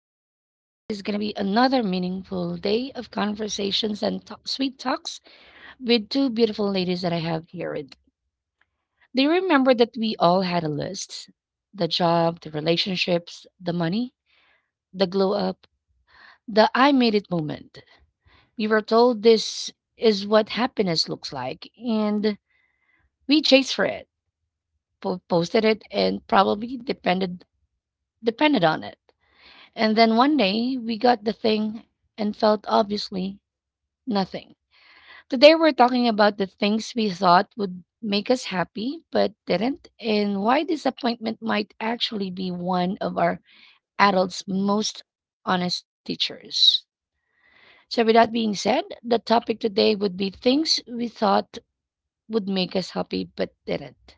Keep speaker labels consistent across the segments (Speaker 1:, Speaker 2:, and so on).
Speaker 1: Today is going to be another meaningful day of conversations and sweet talks with two beautiful ladies that I have here. With. Do you remember that we all had a list? The job, the relationships, the money, the glow up, the I made it moment. We were told this is what happiness looks like, and we chased for it, posted it, and probably depended on it. And then one day, we got the thing and felt obviously nothing. Today, we're talking about the things we thought would make us happy but didn't, and why disappointment might actually be one of our adults' most honest teachers. So, with that being said, the topic today would be things we thought would make us happy but didn't.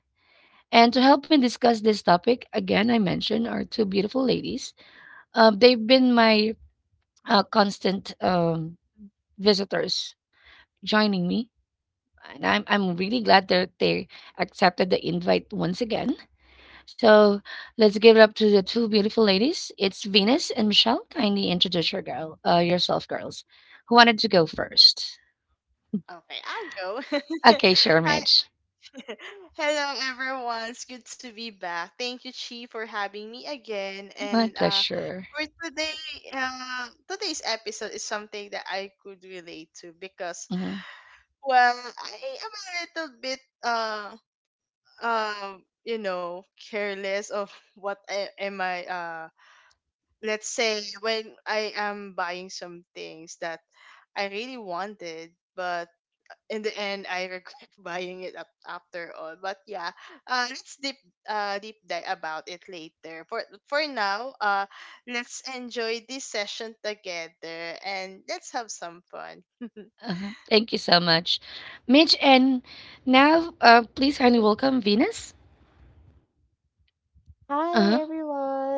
Speaker 1: And to help me discuss this topic, again, I mentioned our two beautiful ladies. They've been my constant visitors joining me. And I'm really glad that they accepted the invite once again. So let's give it up to the two beautiful ladies. It's Venus and Michelle. Kindly introduce your girl, yourself, girls. Who wanted to go first?
Speaker 2: Okay, I'll go.
Speaker 1: Okay, sure,
Speaker 2: Hi.
Speaker 1: Mitch.
Speaker 2: Hello, everyone. It's good to be back. Thank you, Chi, for having me again.
Speaker 1: My
Speaker 2: And
Speaker 1: pleasure.
Speaker 2: for today, today's episode is something that I could relate to because,
Speaker 1: Mhm.
Speaker 2: well, I am a little bit, um, you know, careless of what I, am I, let's say, when I am buying some things that I really wanted, but in the end I regret buying it up after all. But yeah, let's deep dive about it later. For now, let's enjoy this session together and let's have some fun.
Speaker 1: Uh-huh. Thank you so much, Mitch. And now, please kindly welcome Venus. Uh
Speaker 3: Hi
Speaker 1: huh.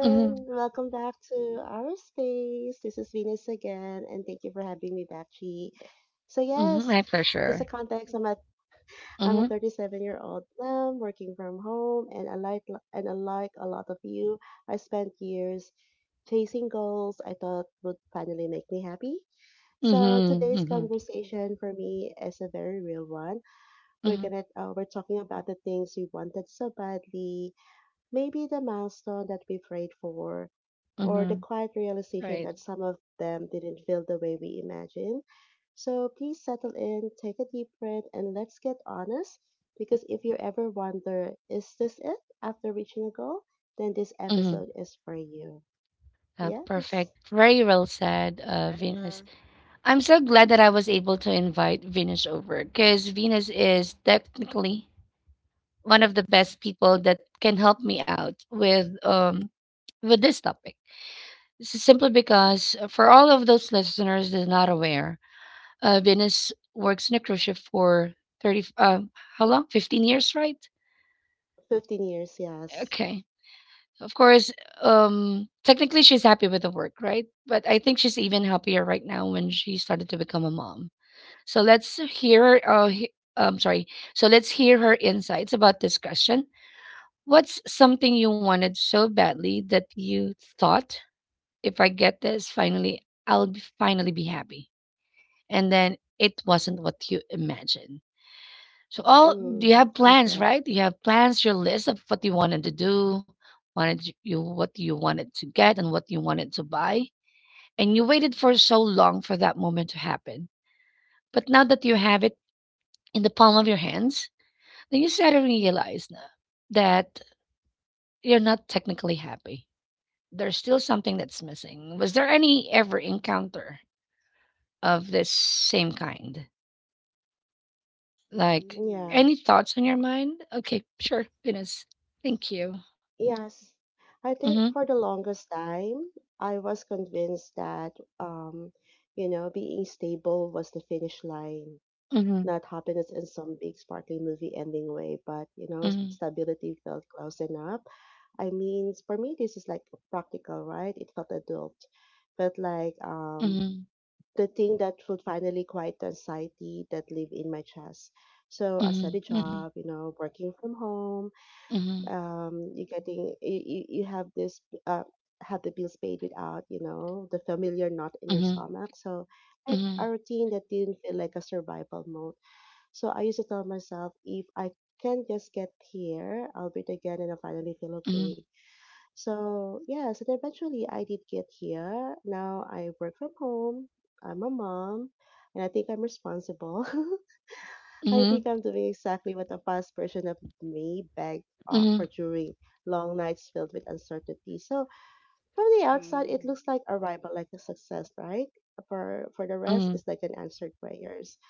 Speaker 1: hmm
Speaker 3: welcome back to our space. This is Venus again, and thank you for having me back, Chi. So yes,
Speaker 1: My
Speaker 3: just a
Speaker 1: pleasure.
Speaker 3: context. I'm a
Speaker 1: Mm-hmm.
Speaker 3: 37-year-old year old mom working from home, and I like and unlike a lot of you, I spent years chasing goals I thought would finally make me happy. So
Speaker 1: Mm-hmm.
Speaker 3: today's
Speaker 1: Mm-hmm.
Speaker 3: conversation for me is a very real one. We're
Speaker 1: Mm-hmm.
Speaker 3: gonna uh, we're talking about the things we wanted so badly. Maybe the milestone that we prayed for, or the
Speaker 1: Mm-hmm.
Speaker 3: quiet realization
Speaker 1: Right.
Speaker 3: that some of them didn't feel the way we imagined. So please settle in, take a deep breath, and let's get honest. Because if you ever wonder, is this it after reaching a goal? Then this
Speaker 1: Mm-hmm.
Speaker 3: episode is for you. Yes.
Speaker 1: Perfect. Very well said,
Speaker 2: Yeah.
Speaker 1: Venus. I'm so glad that I was able to invite Venus over because Venus is technically one of the best people that can help me out with this topic. Simply because for all of those listeners that are not aware, Venus works in a cruise ship for 30. How long? 15 years, right?
Speaker 3: 15 years, yes.
Speaker 1: Okay. Of course, technically she's happy with the work, right? But I think she's even happier right now when she started to become a mom. So let's hear. He, sorry. So let's hear her insights about this question. What's something you wanted so badly that you thought, if I get this, finally be happy, and then it wasn't what you imagined. So all you
Speaker 3: Mm,
Speaker 1: have plans,
Speaker 3: okay.
Speaker 1: right? You have plans, your list of what you wanted to do, what you wanted to get and what you wanted to buy. And you waited for so long for that moment to happen. But now that you have it in the palm of your hands, then you suddenly realize that you're not technically happy. There's still something that's missing. Was there any ever encounter of this same kind? Like
Speaker 2: Mm.
Speaker 3: Yeah.
Speaker 1: any thoughts on your mind? Okay, sure. Goodness. Thank you.
Speaker 3: Yes, I think
Speaker 1: Mm-hmm.
Speaker 3: for the longest time, I was convinced that, you know, being stable was the finish line,
Speaker 1: Mm-hmm.
Speaker 3: not happiness in some big sparkly movie ending way, but, you know,
Speaker 1: Mhm,
Speaker 3: stability felt close enough. I mean, for me, this is like practical, right? It felt adult, felt like
Speaker 1: mhm,
Speaker 3: the thing that would finally quiet the anxiety that lived in my chest. So I
Speaker 1: mhm,
Speaker 3: started a
Speaker 1: mhm,
Speaker 3: job, you know, working from home.
Speaker 1: mhm,
Speaker 3: You're getting you have this uh have the bills paid without, you know, the familiar knot in your
Speaker 1: mhm,
Speaker 3: stomach, so like
Speaker 1: mhm,
Speaker 3: a routine that didn't feel like a survival mode. So I used to tell myself, if I can just get here, I'll breathe again and I finally feel
Speaker 1: mhm,
Speaker 3: okay. So yeah, so then eventually I did get here. Now I work from home, I'm a mom, and I think I'm responsible. I
Speaker 1: mhm,
Speaker 3: think I'm doing exactly what a past version of me begged
Speaker 1: mhm,
Speaker 3: for during long nights filled with uncertainty. So from the outside, it
Speaker 2: Mm.
Speaker 3: looks like arrival, like a success, right? For the
Speaker 1: mhm,
Speaker 3: rest, it's like an answered prayers.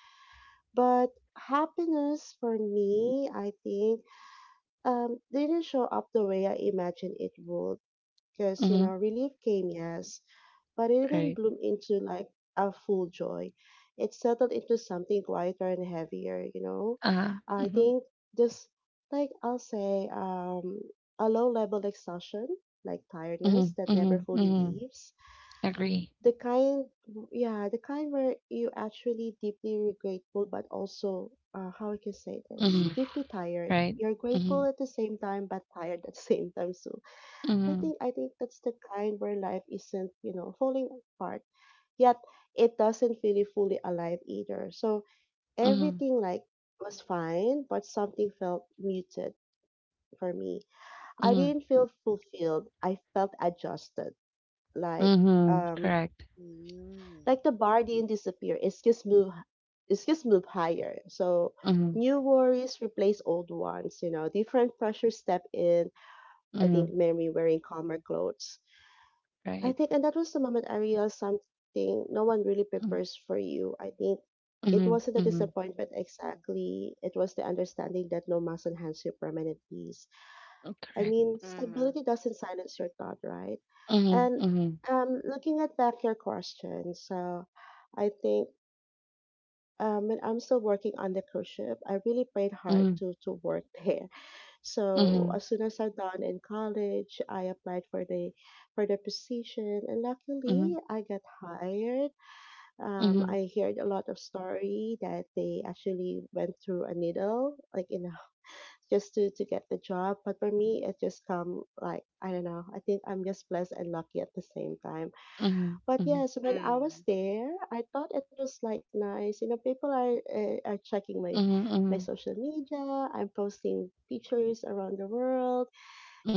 Speaker 3: But happiness for me, I think, didn't show up the way I imagined it would. Because, you
Speaker 1: mhm.
Speaker 3: know, relief came, yes, but it
Speaker 1: Right.
Speaker 3: didn't bloom into like a full joy. It settled into something quieter and heavier, you know.
Speaker 1: Uh-huh.
Speaker 3: I
Speaker 1: Hmm.
Speaker 3: think just like I'll say, a low level exhaustion, like
Speaker 1: Mhm,
Speaker 3: tiredness that never
Speaker 1: mhm,
Speaker 3: fully
Speaker 1: mhm.
Speaker 3: leaves.
Speaker 1: Agree.
Speaker 3: The kind, yeah, the kind where you actually deeply grateful, but also, how I can say this,
Speaker 1: Mhm.
Speaker 3: deeply tired.
Speaker 1: Right.
Speaker 3: You're
Speaker 1: Mhm,
Speaker 3: grateful at the same time, but tired at the same time. So I
Speaker 1: mhm,
Speaker 3: think I think that's the kind where life isn't, you know, falling apart, yet it doesn't really fully alive either. So
Speaker 1: mhm,
Speaker 3: everything like was fine, but something felt muted for me. I
Speaker 1: mhm,
Speaker 3: didn't feel fulfilled. I felt adjusted. Like
Speaker 1: mhm.
Speaker 3: um
Speaker 1: Correct.
Speaker 2: Mm.
Speaker 3: like the bar didn't disappear. It's just move higher. So
Speaker 1: Mhm,
Speaker 3: new worries replace old ones, you know, different pressures step in. I
Speaker 1: mhm.
Speaker 3: think memory wearing calmer clothes. I
Speaker 1: Right.
Speaker 3: think, and that was the moment I realized something no one really
Speaker 1: Mhm,
Speaker 3: prepares for you. I think it
Speaker 1: mhm,
Speaker 3: wasn't a
Speaker 1: mhm.
Speaker 3: disappointment exactly. It was the understanding that no muscle hands you permanent peace. I
Speaker 1: Correct.
Speaker 3: mean,
Speaker 2: Mm.
Speaker 3: stability doesn't silence your thought, right?
Speaker 1: Mhm,
Speaker 3: And
Speaker 1: mhm,
Speaker 3: looking at back your question, so I think when I'm still working on the cruise ship, I really prayed hard
Speaker 1: mhm,
Speaker 3: to work there. So
Speaker 1: mhm,
Speaker 3: as soon as I done in college, I applied for the position, and
Speaker 1: mhm,
Speaker 3: luckily I got hired.
Speaker 1: mhm, mhm,
Speaker 3: I heard a lot of story that they actually went through a needle, like, you know, just to get the job. But for me, it just come like I don't know. I think I'm just blessed and lucky at the same time. But
Speaker 1: mhm,
Speaker 3: yes, when I
Speaker 2: Mm.
Speaker 3: was there, I thought it was like nice. You know, people are checking my
Speaker 1: mhm,
Speaker 3: my
Speaker 1: mhm,
Speaker 3: social media. I'm posting pictures around the world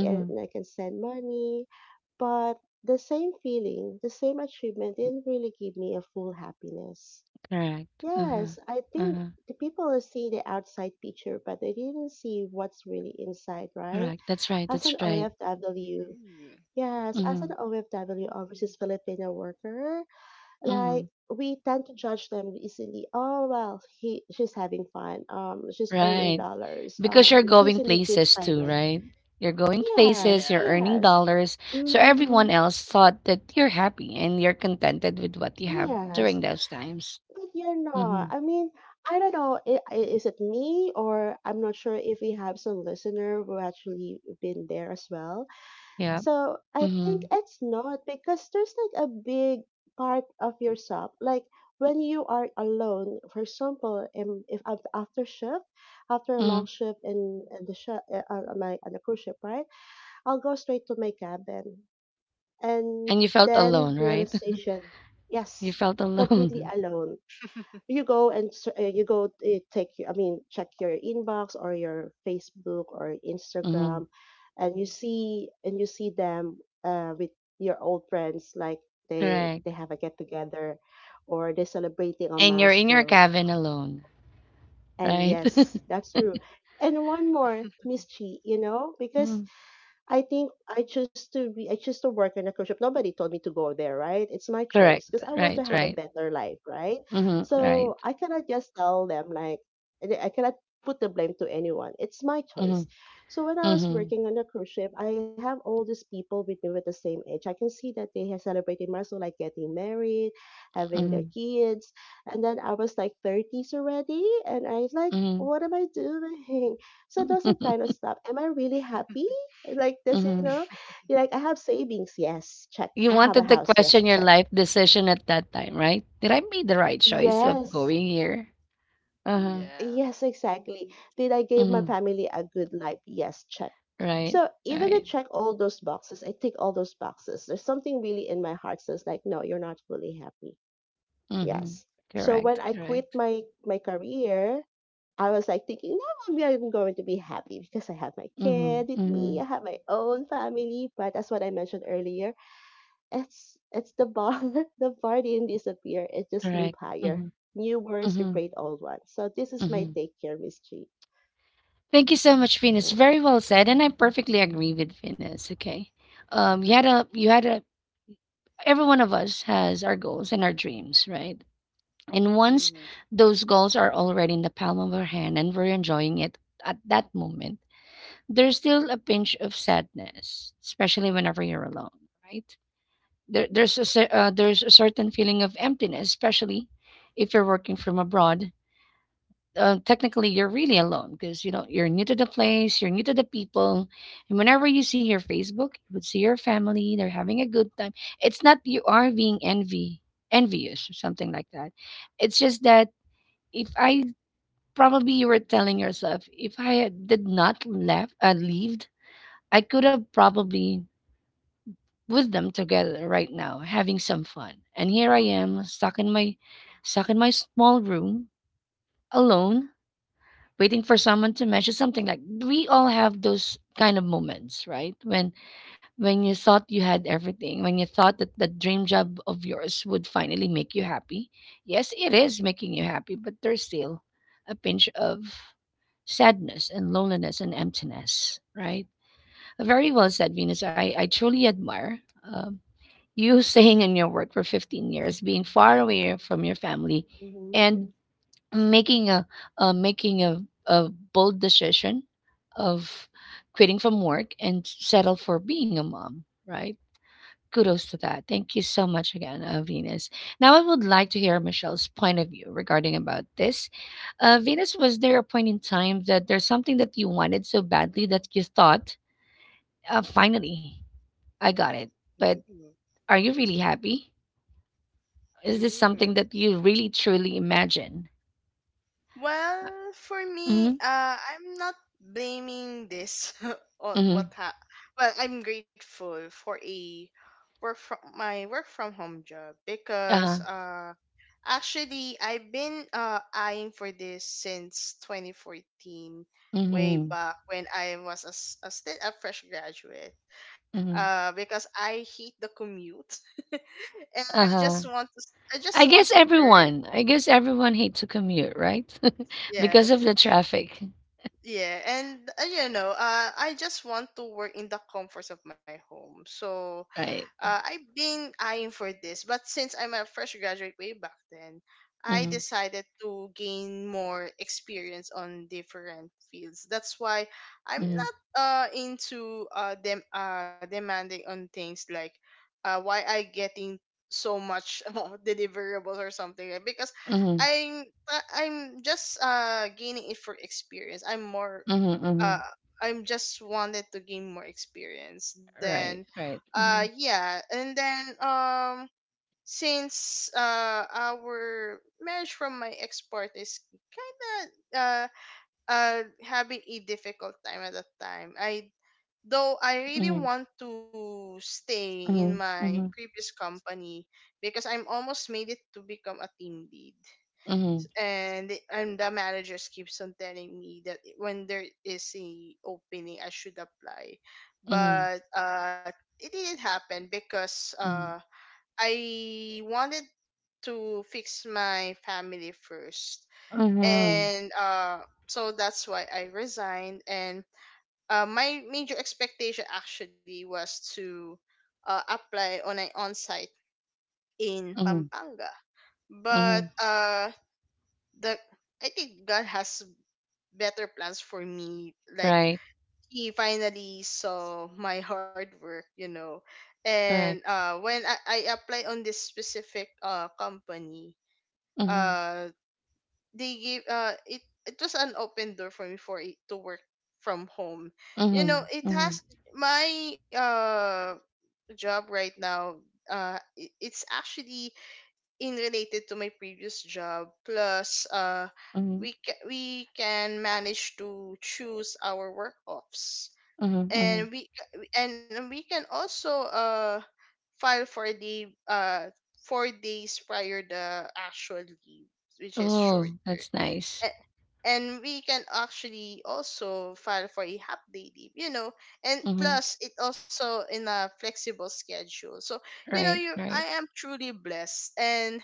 Speaker 3: and I can send money. But the same feeling, the same achievement didn't really give me a full happiness.
Speaker 1: Correct. Uh-huh.
Speaker 3: Yes, I think
Speaker 1: Uh-huh.
Speaker 3: the people see the outside picture, but they didn't see what's really inside, right?
Speaker 1: Correct. That's right.
Speaker 3: As
Speaker 1: That's
Speaker 3: an
Speaker 1: right.
Speaker 3: OFW,
Speaker 2: Mm.
Speaker 3: yes, as
Speaker 1: Mhm.
Speaker 3: an OFW, overseas Filipino worker,
Speaker 1: Mhm,
Speaker 3: like we tend to judge them easily. Oh well, he she's having fun. She's earning
Speaker 1: right.
Speaker 3: dollars.
Speaker 1: Because you're
Speaker 3: She's
Speaker 1: going
Speaker 3: in a good
Speaker 1: places
Speaker 3: side
Speaker 1: too,
Speaker 3: right.
Speaker 1: right? You're going places,
Speaker 3: Yes,
Speaker 2: Yeah.
Speaker 1: you're earning
Speaker 3: yes.
Speaker 1: dollars. So everyone
Speaker 3: Mm,
Speaker 1: else thought that you're happy and you're contented with what you have
Speaker 3: yes,
Speaker 1: during those times.
Speaker 3: but you're not.
Speaker 1: Mm-hmm.
Speaker 3: I mean, I don't know. Is it me or I'm not sure if we have some listener who actually been there as well.
Speaker 1: Yeah.
Speaker 3: So I think
Speaker 1: Mm-hmm.
Speaker 3: it's not because there's like a big part of yourself. Like when you are alone, for example, if after shift, after a
Speaker 1: Hmm.
Speaker 3: long shift in the sh- my on the cruise ship, right? I'll go straight to my cabin. And
Speaker 1: And you felt
Speaker 3: then
Speaker 1: alone, right?
Speaker 3: realization,
Speaker 1: You
Speaker 3: yes,
Speaker 1: felt
Speaker 3: completely
Speaker 1: alone.
Speaker 3: alone. You go and s- you go take your- I mean check your inbox or your Facebook or
Speaker 1: Mm-hmm.
Speaker 3: Instagram, and you see them with your old friends like they
Speaker 1: Correct.
Speaker 3: have a get together, or they're celebrating a
Speaker 1: And you're in your
Speaker 3: milestone.
Speaker 1: cabin alone,
Speaker 3: And
Speaker 1: right?
Speaker 3: yes, that's true. And one more, Miss Chi, you know, because
Speaker 1: Mhm.
Speaker 3: I think I chose to work in a cruise ship. Nobody told me to go there, right? It's my
Speaker 1: Correct.
Speaker 3: choice because I want to
Speaker 1: Right,
Speaker 3: have a
Speaker 1: right.
Speaker 3: better life, right?
Speaker 1: Mm-hmm. Right.
Speaker 3: So I cannot just tell them like and I cannot put the blame to anyone. It's my
Speaker 1: Mm-hmm.
Speaker 3: choice. So when I was
Speaker 1: Mm-hmm.
Speaker 3: working on a cruise ship, I have all these people with me with the same age. I can see that they are celebrating milestone like getting married, having their kids, and then I was like thirties already, and I was like,
Speaker 1: Mm-hmm.
Speaker 3: what am I doing? So those are kind
Speaker 1: Mm-hmm.
Speaker 3: of stuff. Am I really happy? Like this, you know? You're like, I have savings, yes, check. I
Speaker 1: You
Speaker 3: have a
Speaker 1: wanted to
Speaker 3: house, yes,
Speaker 1: question your
Speaker 3: check.
Speaker 1: life decision at that time, right? Did I make the right choice of
Speaker 3: Yes,
Speaker 1: going here? Uh-huh.
Speaker 2: Yeah.
Speaker 3: yes, exactly. Did I give my
Speaker 1: Mhm.
Speaker 3: family a good life? Yes, check.
Speaker 1: Right.
Speaker 3: So even I
Speaker 1: Right.
Speaker 3: check all those boxes, I tick all those boxes. There's something really in my heart says like, no, you're not fully happy.
Speaker 1: Mhm.
Speaker 3: Yes. So when
Speaker 1: Correct.
Speaker 3: I quit
Speaker 1: Correct.
Speaker 3: my career, I was like thinking, no, maybe I'm not going to be happy because I have my
Speaker 1: Mhm.
Speaker 3: kid with me, I
Speaker 1: Mhm.
Speaker 3: have my own family. But that's what I mentioned earlier. It's the bar. The bar didn't disappear. It just
Speaker 1: Correct.
Speaker 3: moved higher.
Speaker 1: Mhm.
Speaker 3: New words
Speaker 1: Mhm.
Speaker 3: replace old ones. So this is my
Speaker 1: Mhm.
Speaker 3: take here, Miss G.
Speaker 1: Thank you so much, Venus.
Speaker 3: Yeah.
Speaker 1: Very well said, and I perfectly agree with Venus. Okay.
Speaker 2: Mm-hmm.
Speaker 1: You had a. Every one of us has our goals and our dreams, right? And once
Speaker 2: Mm-hmm.
Speaker 1: those goals are already in the palm of our hand, and we're enjoying it at that moment there's still a pinch of sadness, especially whenever you're alone, right? There's a certain feeling of emptiness, especially if you're working from abroad. Technically, you're really alone because you know you're new to the place, you're new to the people, and whenever you see your Facebook, you would see your family. They're having a good time. It's not you are being envy envious or something like that. It's just that if I probably you were telling yourself if I did not left leave I could have probably with them together right now, having some fun. And here I am, stuck in my small room, alone, waiting for someone to mention something like we all have those kind of moments, right? When you thought you had everything, when you thought that the dream job of yours would finally make you happy. Yes, it is making you happy, but there's still a pinch of sadness and loneliness and emptiness, right? Very well said, Venus. I truly admire you staying in your work for 15 years, being far away from your family, and
Speaker 3: Mm-hmm.
Speaker 1: making a a bold decision of quitting from work and settle for being a mom. Right? Kudos to that. Thank you so much again, Venus. Now I would like to hear Michelle's point of view regarding about this. Venus, was there a point in time that there's something that you wanted so badly that you thought, finally, I got it. But are you really happy? Is this
Speaker 2: Mm-hmm.
Speaker 1: something that you really truly imagine?
Speaker 2: Well, for me,
Speaker 1: Mm-hmm.
Speaker 2: I'm not blaming this on
Speaker 1: Mm-hmm.
Speaker 2: Well, I'm grateful for a work from my work from home job, because
Speaker 1: Uh-huh.
Speaker 2: actually I've been eyeing for this since 2014, way
Speaker 1: Mm-hmm.
Speaker 2: back when I was a, s- a still a fresh graduate.
Speaker 1: Mm-hmm.
Speaker 2: Because I hate the commute, and I just
Speaker 1: Uh-huh.
Speaker 2: want to, s- I just
Speaker 1: I
Speaker 2: want
Speaker 1: guess
Speaker 2: to earn.
Speaker 1: everyone. I guess everyone hate to commute, right? because of
Speaker 2: Yes.
Speaker 1: the traffic.
Speaker 2: Yeah, and I just want to work in the comforts of my home. So,
Speaker 1: Right.
Speaker 2: I've been eyeing for this, but since I'm a fresh graduate way back then, I
Speaker 1: Mm-hmm.
Speaker 2: decided to gain more experience on different fields. That's why I'm
Speaker 1: Mm-hmm.
Speaker 2: not into demanding on things, like, why I getting so much deliverables, or something, like, because
Speaker 1: Mm-hmm.
Speaker 2: I'm I'm just gaining it for experience.
Speaker 1: Mm-hmm. Mm-hmm.
Speaker 2: Uh I'm just wanted to gain more experience, than
Speaker 1: Right. Right. Mm-hmm.
Speaker 2: yeah and then since our marriage from my ex-part is kind of uh having a difficult time at that time. I though I really
Speaker 1: Mm-hmm.
Speaker 2: want to stay in my
Speaker 1: Mm-hmm.
Speaker 2: previous company, because I'm almost made it to become a team lead,
Speaker 1: Mm-hmm.
Speaker 2: and the managers keeps on telling me that when there is a opening I should apply,
Speaker 1: Mm-hmm.
Speaker 2: but it didn't happen, because
Speaker 1: Mm-hmm.
Speaker 2: I wanted to fix my family first,
Speaker 1: Mm-hmm.
Speaker 2: and so that's why I resigned. And my major expectation actually was to apply on an on-site in
Speaker 1: Mm-hmm.
Speaker 2: Pampanga,
Speaker 1: Mm-hmm.
Speaker 2: but the I think God has better plans for me. Like,
Speaker 1: Right.
Speaker 2: he finally saw my hard work. And
Speaker 1: Correct.
Speaker 2: uh when I apply on this specific company,
Speaker 1: Mm-hmm.
Speaker 2: uh they gave it it was an open door for me for it to work from home. You know,
Speaker 1: Mm-hmm.
Speaker 2: it
Speaker 1: Mm-hmm.
Speaker 2: has my job right now. It's actually in related to my previous job, plus
Speaker 1: Mm-hmm.
Speaker 2: we can manage to choose our work offs,
Speaker 1: Mm-hmm. Mm-hmm.
Speaker 2: and we can also file for the 4 days prior the actual leave, which is
Speaker 1: Oh,
Speaker 2: shorter.
Speaker 1: that's nice.
Speaker 2: A- and we can actually also file for a half day leave, and
Speaker 1: Mhm.
Speaker 2: plus it also in a flexible schedule, so you know
Speaker 1: Right,
Speaker 2: you I
Speaker 1: right.
Speaker 2: am truly blessed. And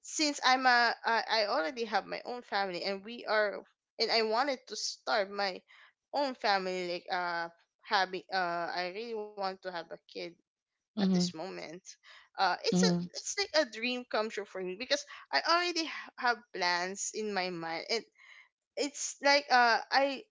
Speaker 2: since I already have my own family, and we are and I wanted to start my own family, like, having I really want to have a kid at this
Speaker 1: Mhm,
Speaker 2: moment. Uh it's a
Speaker 1: mhm,
Speaker 2: it's like a dream come true for me, because I already have plans in my mind, and it's like I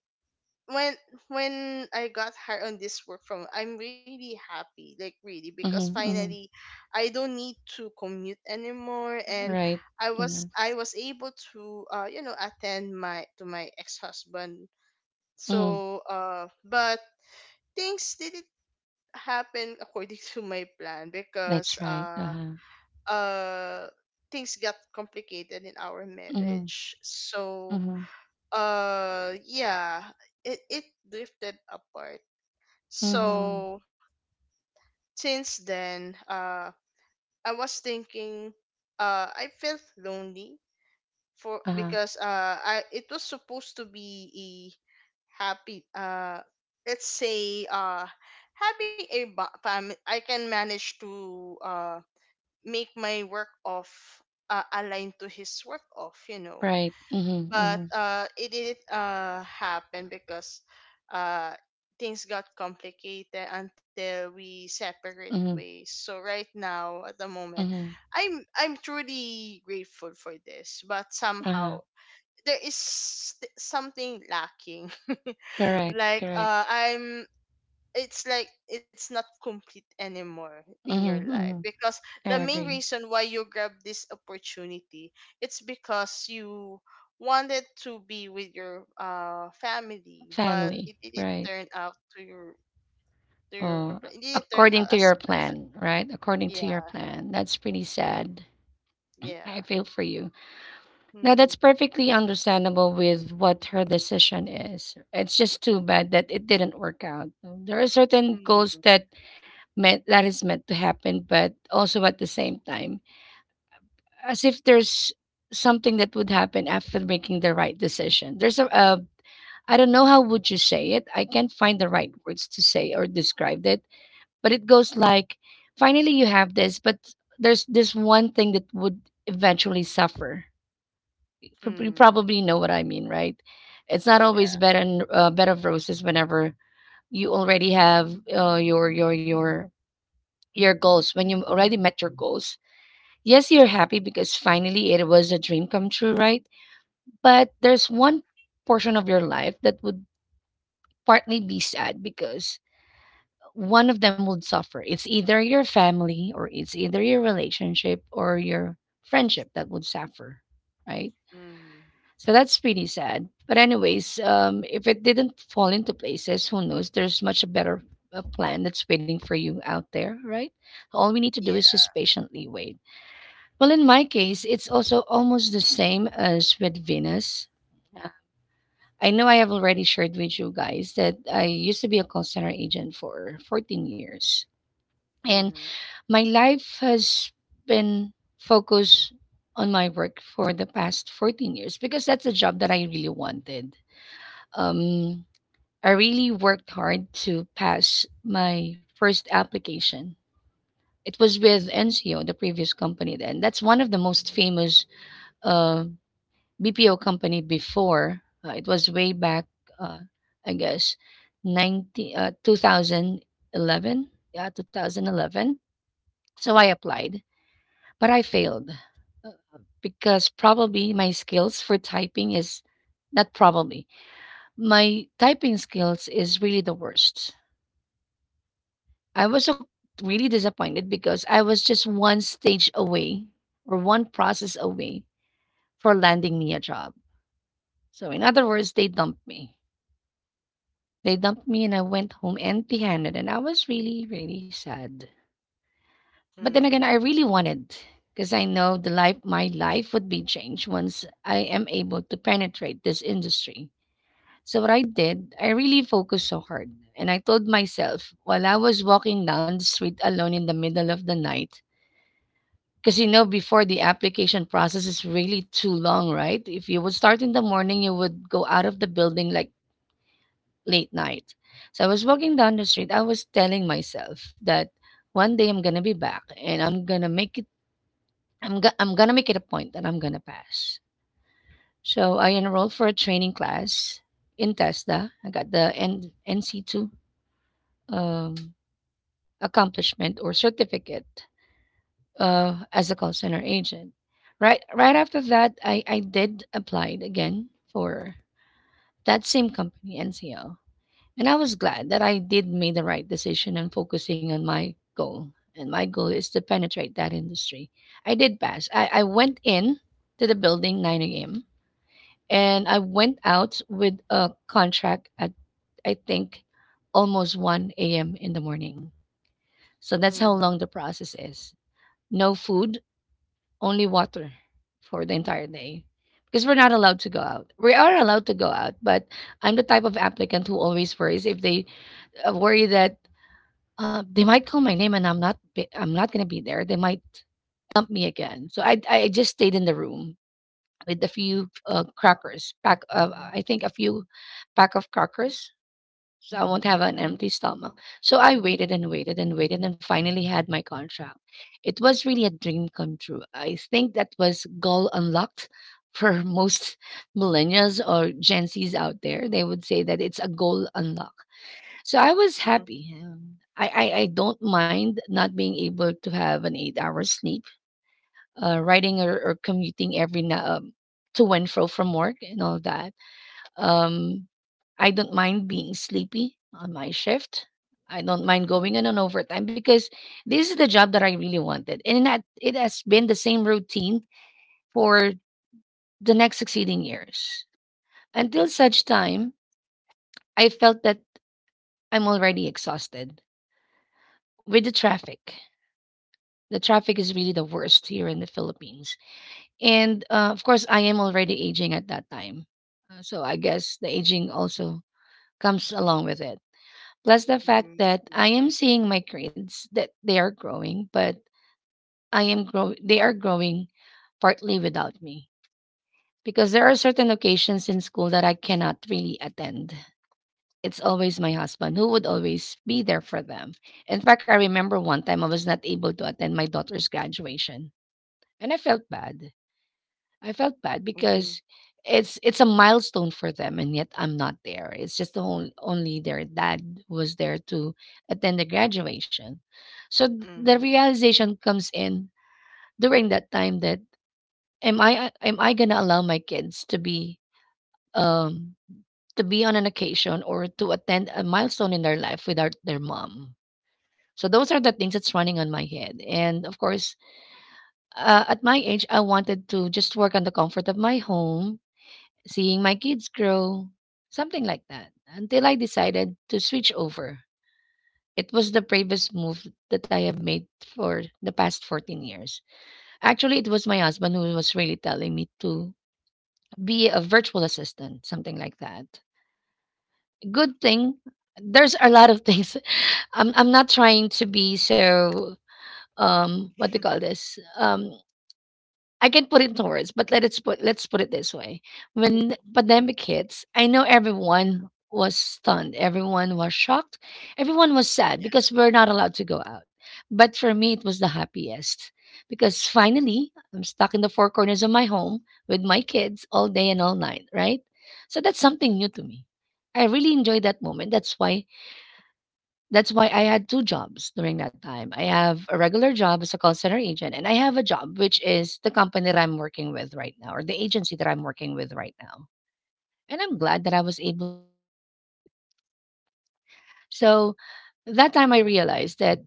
Speaker 2: when when I got hired on this work from, I'm really happy, like, really, because
Speaker 1: mhm, mhm.
Speaker 2: finally I don't need to commute anymore, and
Speaker 1: Right.
Speaker 2: I was
Speaker 1: Mhm,
Speaker 2: I was able to attend my to my ex husband.
Speaker 1: mhm.
Speaker 2: But things didn't happen according to my plan, because
Speaker 1: That's right. Uh-huh.
Speaker 2: uh things got complicated in our
Speaker 1: Mhm,
Speaker 2: marriage. So
Speaker 1: mhm,
Speaker 2: uh yeah, it drifted apart,
Speaker 1: mhm.
Speaker 2: so since then, I was thinking, I felt lonely, for
Speaker 1: Uh-huh.
Speaker 2: because I it was supposed to be a happy, let's say having a ba- fam- I can manage to make my work off, align to his work off,
Speaker 1: Right. Mhm,
Speaker 2: but
Speaker 1: mhm,
Speaker 2: it didn't happen, because uh, things got complicated until we separate
Speaker 1: mhm,
Speaker 2: ways. So right now, at the moment,
Speaker 1: mhm.
Speaker 2: I'm truly grateful for this, but somehow
Speaker 1: Uh-huh.
Speaker 2: there is something lacking.
Speaker 1: Correct,
Speaker 2: like
Speaker 1: correct.
Speaker 2: I'm It's like it's not complete anymore in your
Speaker 1: Mhm,
Speaker 2: life,
Speaker 1: mhm.
Speaker 2: because the
Speaker 1: I
Speaker 2: main
Speaker 1: agree.
Speaker 2: reason why you grab this opportunity, it's because you wanted to be with your family, but it
Speaker 1: Family.
Speaker 2: didn't
Speaker 1: Right.
Speaker 2: turn out to your plan it
Speaker 1: Oh,
Speaker 2: didn't turn out
Speaker 1: according
Speaker 2: as
Speaker 1: to your
Speaker 2: planned.
Speaker 1: plan, right? According to your
Speaker 2: Yeah.
Speaker 1: plan. That's pretty
Speaker 2: Mm.
Speaker 1: sad. I
Speaker 2: Yeah.
Speaker 1: feel for you. Now
Speaker 2: Mm-hmm.
Speaker 1: that's perfectly understandable with what her decision is. It's just too bad that it didn't work out. There are certain goals
Speaker 2: Mm-hmm.
Speaker 1: that meant that is meant to happen, but also at the same time, as if there's something that would happen after making the right decision. There's a I don't know how would you say it. I can't find the right words to say or describe it, but it goes like, finally you have this, but there's this one thing that would eventually suffer you
Speaker 2: Mm-hmm.
Speaker 1: probably know what I mean, right? It's not always
Speaker 2: Yeah.
Speaker 1: bed and bed of roses whenever you already have your goals when you already met your goals. Yes, you're happy because finally it was a dream come true, right? But there's one portion of your life that would partly be sad because one of them would suffer. It's either your family or it's either your relationship or your friendship that would suffer, right?
Speaker 2: Mm-hmm.
Speaker 1: So that's pretty sad. But anyways, if it didn't fall into places, who knows? There's much a better plan that's waiting for you out there, right? All we need to do is
Speaker 2: Yeah.
Speaker 1: just patiently wait. Well, in my case, it's also almost the same as with Venus. Uh, I know I have already shared with you guys that I used to be a call center agent for 14 years, and
Speaker 2: Mm-hmm.
Speaker 1: my life has been focused on my work for the past 14 years because that's a job that I really wanted. Um, I really worked hard to pass my first application. It was with NCO, the previous company then. That's one of the most famous uh, BPO company before. It was way back, uh, I guess, 90, 2011. Yeah, 2011. So I applied, but I failed uh, because probably my skills for typing is not probably my typing skills is really the worst I was so really disappointed because I was just one stage away or one process away for landing me a job. So, in other words, they dumped me. They dumped me and I went home empty handed. And I was really, really sad. But then again,
Speaker 2: Mm-hmm.
Speaker 1: I really wanted because I know my life would be changed once I am able to penetrate this industry. So, what I did, I really focused so hard. And I told myself while I was walking down the street alone in the middle of the night, because you know, before the application process is really too long, right? If you would start in the morning, you would go out of the building like late night. So I was walking down the street. I was telling myself that one day I'm gonna be back and I'm gonna make it. I'm gonna make it a point that I'm gonna pass. So I enrolled for a training class in TESDA. I got the NC2 um, accomplishment or certificate as a call center agent. Right after that, I did applied again for that same company, NCL. And I was glad that I did make the right decision and focusing on my goal. And my goal is to penetrate that industry. I did pass. I went in to the building 9 a.m. and I went out with a contract at I think almost 1 a.m. in the morning. So that's how
Speaker 2: Mm-hmm.
Speaker 1: long the process is. No food, only water for the entire day because we're not allowed to go out. We are allowed to go out, but I'm the type of applicant who always worries if they worry that they might call my name and I'm not going to be there. They might dump me again. So I just stayed in the room with a few crackers pack. Of, I think a few pack of crackers so I won't have an empty stomach. So I waited and waited and waited and finally had my contract. It was really a dream come true. I think that was goal unlocked for most millennials or Gen Zs out there. They would say that it's a goal unlock. So I was
Speaker 2: Mm-hmm.
Speaker 1: happy. I don't mind not being able to have an 8 hour sleep, riding or commuting every to and fro from work and all that. Um, I don't mind being sleepy on my shift. I don't mind
Speaker 2: Mm-hmm.
Speaker 1: going in on overtime because this is the job that I really wanted. And that it has been the same routine for the next succeeding years. Until such time, I felt that I'm already exhausted with the traffic. The traffic is really the worst here in the Philippines. And of course, I am already aging at that time. So I guess the aging also comes along with it. Plus the
Speaker 2: Mm-hmm.
Speaker 1: fact that I am seeing my grades that they are growing, but I am grow they are growing partly without me because there are certain occasions in school that I cannot really attend. It's always my husband who would always be there for them. In fact, I remember one time I was not able to attend my daughter's graduation and I felt bad
Speaker 3: Mm-hmm.
Speaker 1: because it's a milestone for them, and yet I'm not there. It's just the only their dad was there to attend the graduation. So the
Speaker 2: Mm-hmm.
Speaker 1: realization comes in during that time that am I gonna allow my kids um to be on an occasion or to attend a milestone in their life without their mom. So those are the things that's running on my head, and of course, at my age, I wanted to just work on the comfort of my home seeing my kids grow, something like that, until I decided to switch over. It was the bravest move that I have made for the past 14 years. Actually, it was my husband who was really telling me to be a virtual assistant, something like that. Good thing, there's a lot of things. I'm not trying to be so, what do you call this? I can put it into words, but let's put it this way.
Speaker 3: Mm-hmm.
Speaker 1: When the
Speaker 2: Mm-hmm.
Speaker 1: pandemic hits, I know everyone was stunned, everyone was shocked, everyone was sad
Speaker 2: Yeah.
Speaker 1: because we're not allowed to go out. But for me, it was the happiest because finally I'm stuck in the four corners of my home with my kids all day and all night, right? So that's something new to me. I really enjoyed that moment. That's why I had 2 jobs during that time. I have a regular job as a call center agent, and I have a job, which is the company that I'm working with right now or the agency that I'm working with right now. And I'm glad that I was able to enjoy that moment. So that time I realized that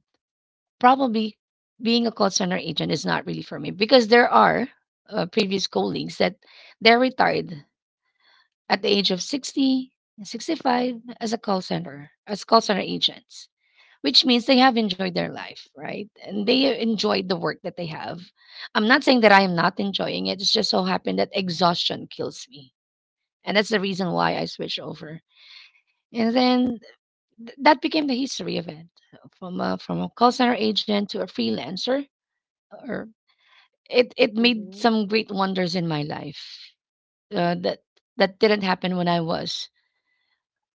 Speaker 1: probably being a call center agent is not really for me because there are previous colleagues that they're retired at the age of 60, 65 as a call center, as call center agents which means they have enjoyed their life, right? And they enjoyed the work that they have. I'm not saying that I am not enjoying it. It's just so happened that exhaustion kills me. And that's the reason why I switched over. And then that became the history of it from from a call center agent to a freelancer. Or it made
Speaker 3: Hmm.
Speaker 1: some great wonders in my life that, that didn't happen when I was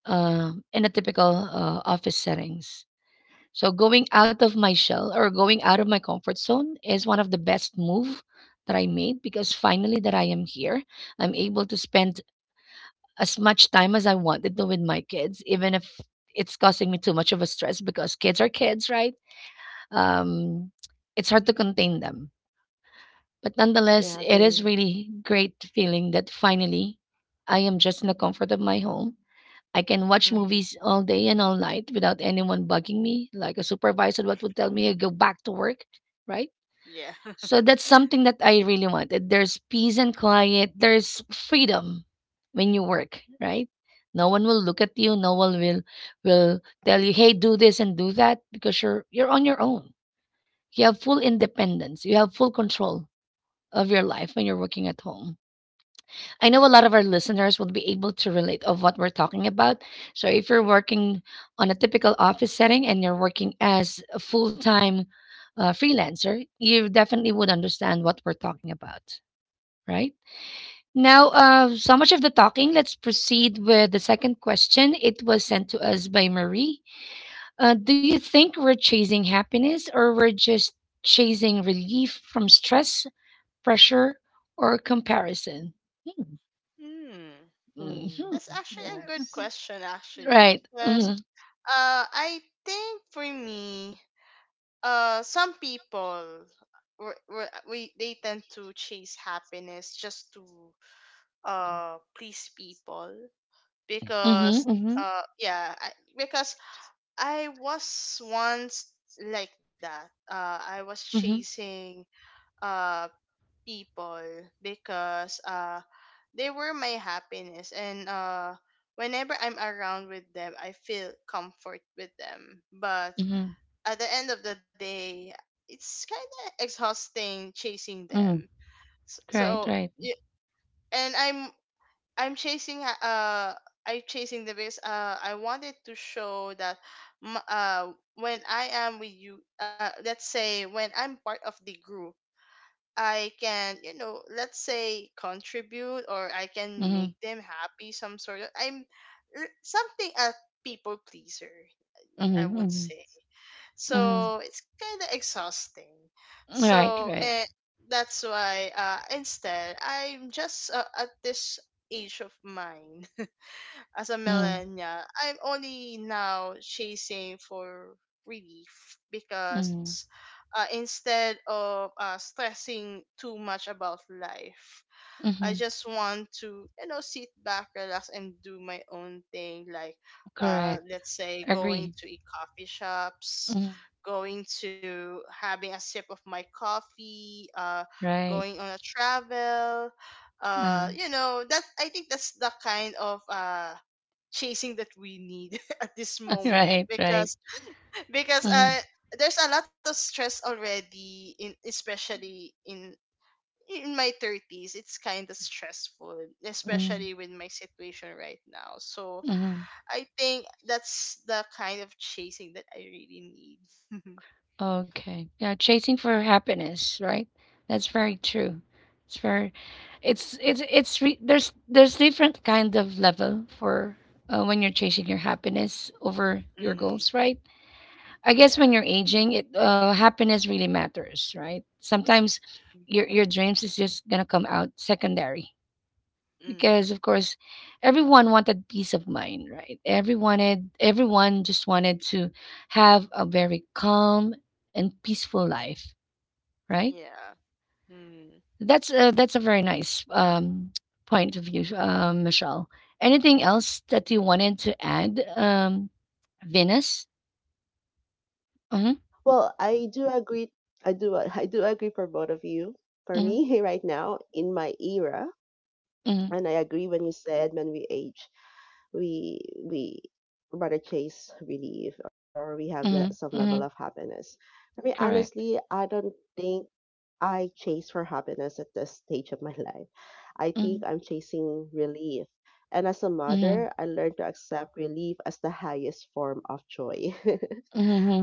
Speaker 1: in a typical office settings. So going out of my shell or going out of my comfort zone is one of the best move that I made because finally that I am here, I'm able to spend as much time as I wanted to with my kids, even if it's causing me too much of a stress because kids are kids, right? Um, it's hard to contain them. But nonetheless,
Speaker 3: Yeah, I
Speaker 1: it is
Speaker 3: agree.
Speaker 1: really great feeling that finally I am just in the comfort of my home. I can watch
Speaker 2: Mm-hmm.
Speaker 1: movies all day and all night without anyone bugging me, like a supervisor what would tell me to go back to work, right?
Speaker 2: Yeah.
Speaker 1: So that's something that I really wanted. There's peace and quiet. There's freedom when you work, right? No one will look at you. No one will tell you, "Hey, do this and do that," because you're on your own. You have full independence. You have full control of your life when you're working at home. I know a lot of our listeners will be able to relate of what we're talking about. So if you're working on a typical office setting and you're working as a full-time freelancer, you definitely would understand what we're talking about, right? Now, so much of the talking. Let's proceed with the second question. It was sent to us by Marie. Do you think we're chasing happiness or we're just chasing relief from stress, pressure, or comparison? Hmm.
Speaker 2: Hmm.
Speaker 1: Mhm.
Speaker 3: Hmm.
Speaker 2: That's actually a good
Speaker 3: Yes.
Speaker 2: question, actually.
Speaker 1: Right.
Speaker 2: Because
Speaker 1: Mhm.
Speaker 2: I think for me, some people were, we they tend to chase happiness just to please people,
Speaker 1: Mhm,
Speaker 2: because
Speaker 1: mhm,
Speaker 2: uh yeah I, because I was once like that. I was
Speaker 1: mhm,
Speaker 2: chasing uh people, because they were my happiness, and whenever I'm around with them I feel comfort with them, but
Speaker 1: mhm,
Speaker 2: at the end of the day it's kind of exhausting chasing
Speaker 1: mhm.
Speaker 2: them. S-
Speaker 1: Right,
Speaker 2: so
Speaker 1: right.
Speaker 2: y- and I'm chasing I'm chasing them, because I wanted to show that, when I am with you, let's say when I'm part of the group, I can, let's say, contribute, or I can
Speaker 1: Mhm,
Speaker 2: make them happy, some sort of, something, a people pleaser,
Speaker 1: mhm,
Speaker 2: I would
Speaker 1: mhm,
Speaker 2: say.
Speaker 1: mhm.
Speaker 2: So it's kind of exhausting.
Speaker 1: Right,
Speaker 2: So
Speaker 1: right.
Speaker 2: and that's why instead I'm just, at this age of mine, as a
Speaker 1: Mhm,
Speaker 2: millennial, I'm only now chasing for relief,
Speaker 1: mhm,
Speaker 2: because instead of stressing too much about life, I
Speaker 1: mhm.
Speaker 2: just want to, sit back, relax, and do my own thing. Like,
Speaker 1: Correct.
Speaker 2: let's say, going
Speaker 1: Agree.
Speaker 2: to a coffee shops,
Speaker 1: Mhm.
Speaker 2: going to having a sip of my coffee,
Speaker 1: Right.
Speaker 2: going on a travel.
Speaker 1: Uh,
Speaker 2: That I think that's the kind of chasing that we need at this moment,
Speaker 1: right, right.
Speaker 2: because because
Speaker 1: Mhm,
Speaker 2: uh there's a lot of stress already, in, especially in my 30s, it's kind of stressful,
Speaker 1: mhm,
Speaker 2: especially with my situation right now, so
Speaker 1: mhm.
Speaker 2: I think that's the kind of chasing that I really need.
Speaker 1: Okay. Yeah, chasing for happiness, right? That's very true. It's very, there's different kind of level for when you're chasing your happiness over your
Speaker 2: Mm-hmm.
Speaker 1: goals, right? I guess
Speaker 2: Yeah.
Speaker 1: when you're aging, it happiness really matters, right? Sometimes your dreams is just gonna come out secondary
Speaker 2: Mm-hmm.
Speaker 1: because of course everyone wanted peace of mind, right? Everyone, everyone just wanted to have a very calm and peaceful life, right?
Speaker 2: Yeah. Mm-hmm.
Speaker 1: That's that's a very nice point of view, Michelle. Anything else that you wanted to add, Venus? Mm-hmm,
Speaker 3: Well, I do agree. I do. I do agree for both of you. For
Speaker 1: mm-hmm,
Speaker 3: me, right now, in my era,
Speaker 1: mm-hmm,
Speaker 3: and I agree when you said when we age. we we rather chase relief or we have
Speaker 1: mm-hmm,
Speaker 3: some level of
Speaker 1: mm-hmm,
Speaker 3: happiness. I mean,
Speaker 1: correct,
Speaker 3: honestly, I don't think I chase for happiness at this stage of my life. I
Speaker 1: mm-hmm,
Speaker 3: think I'm chasing relief. And as a
Speaker 1: mm-hmm,
Speaker 3: mother, I learned to accept relief as the highest form of joy.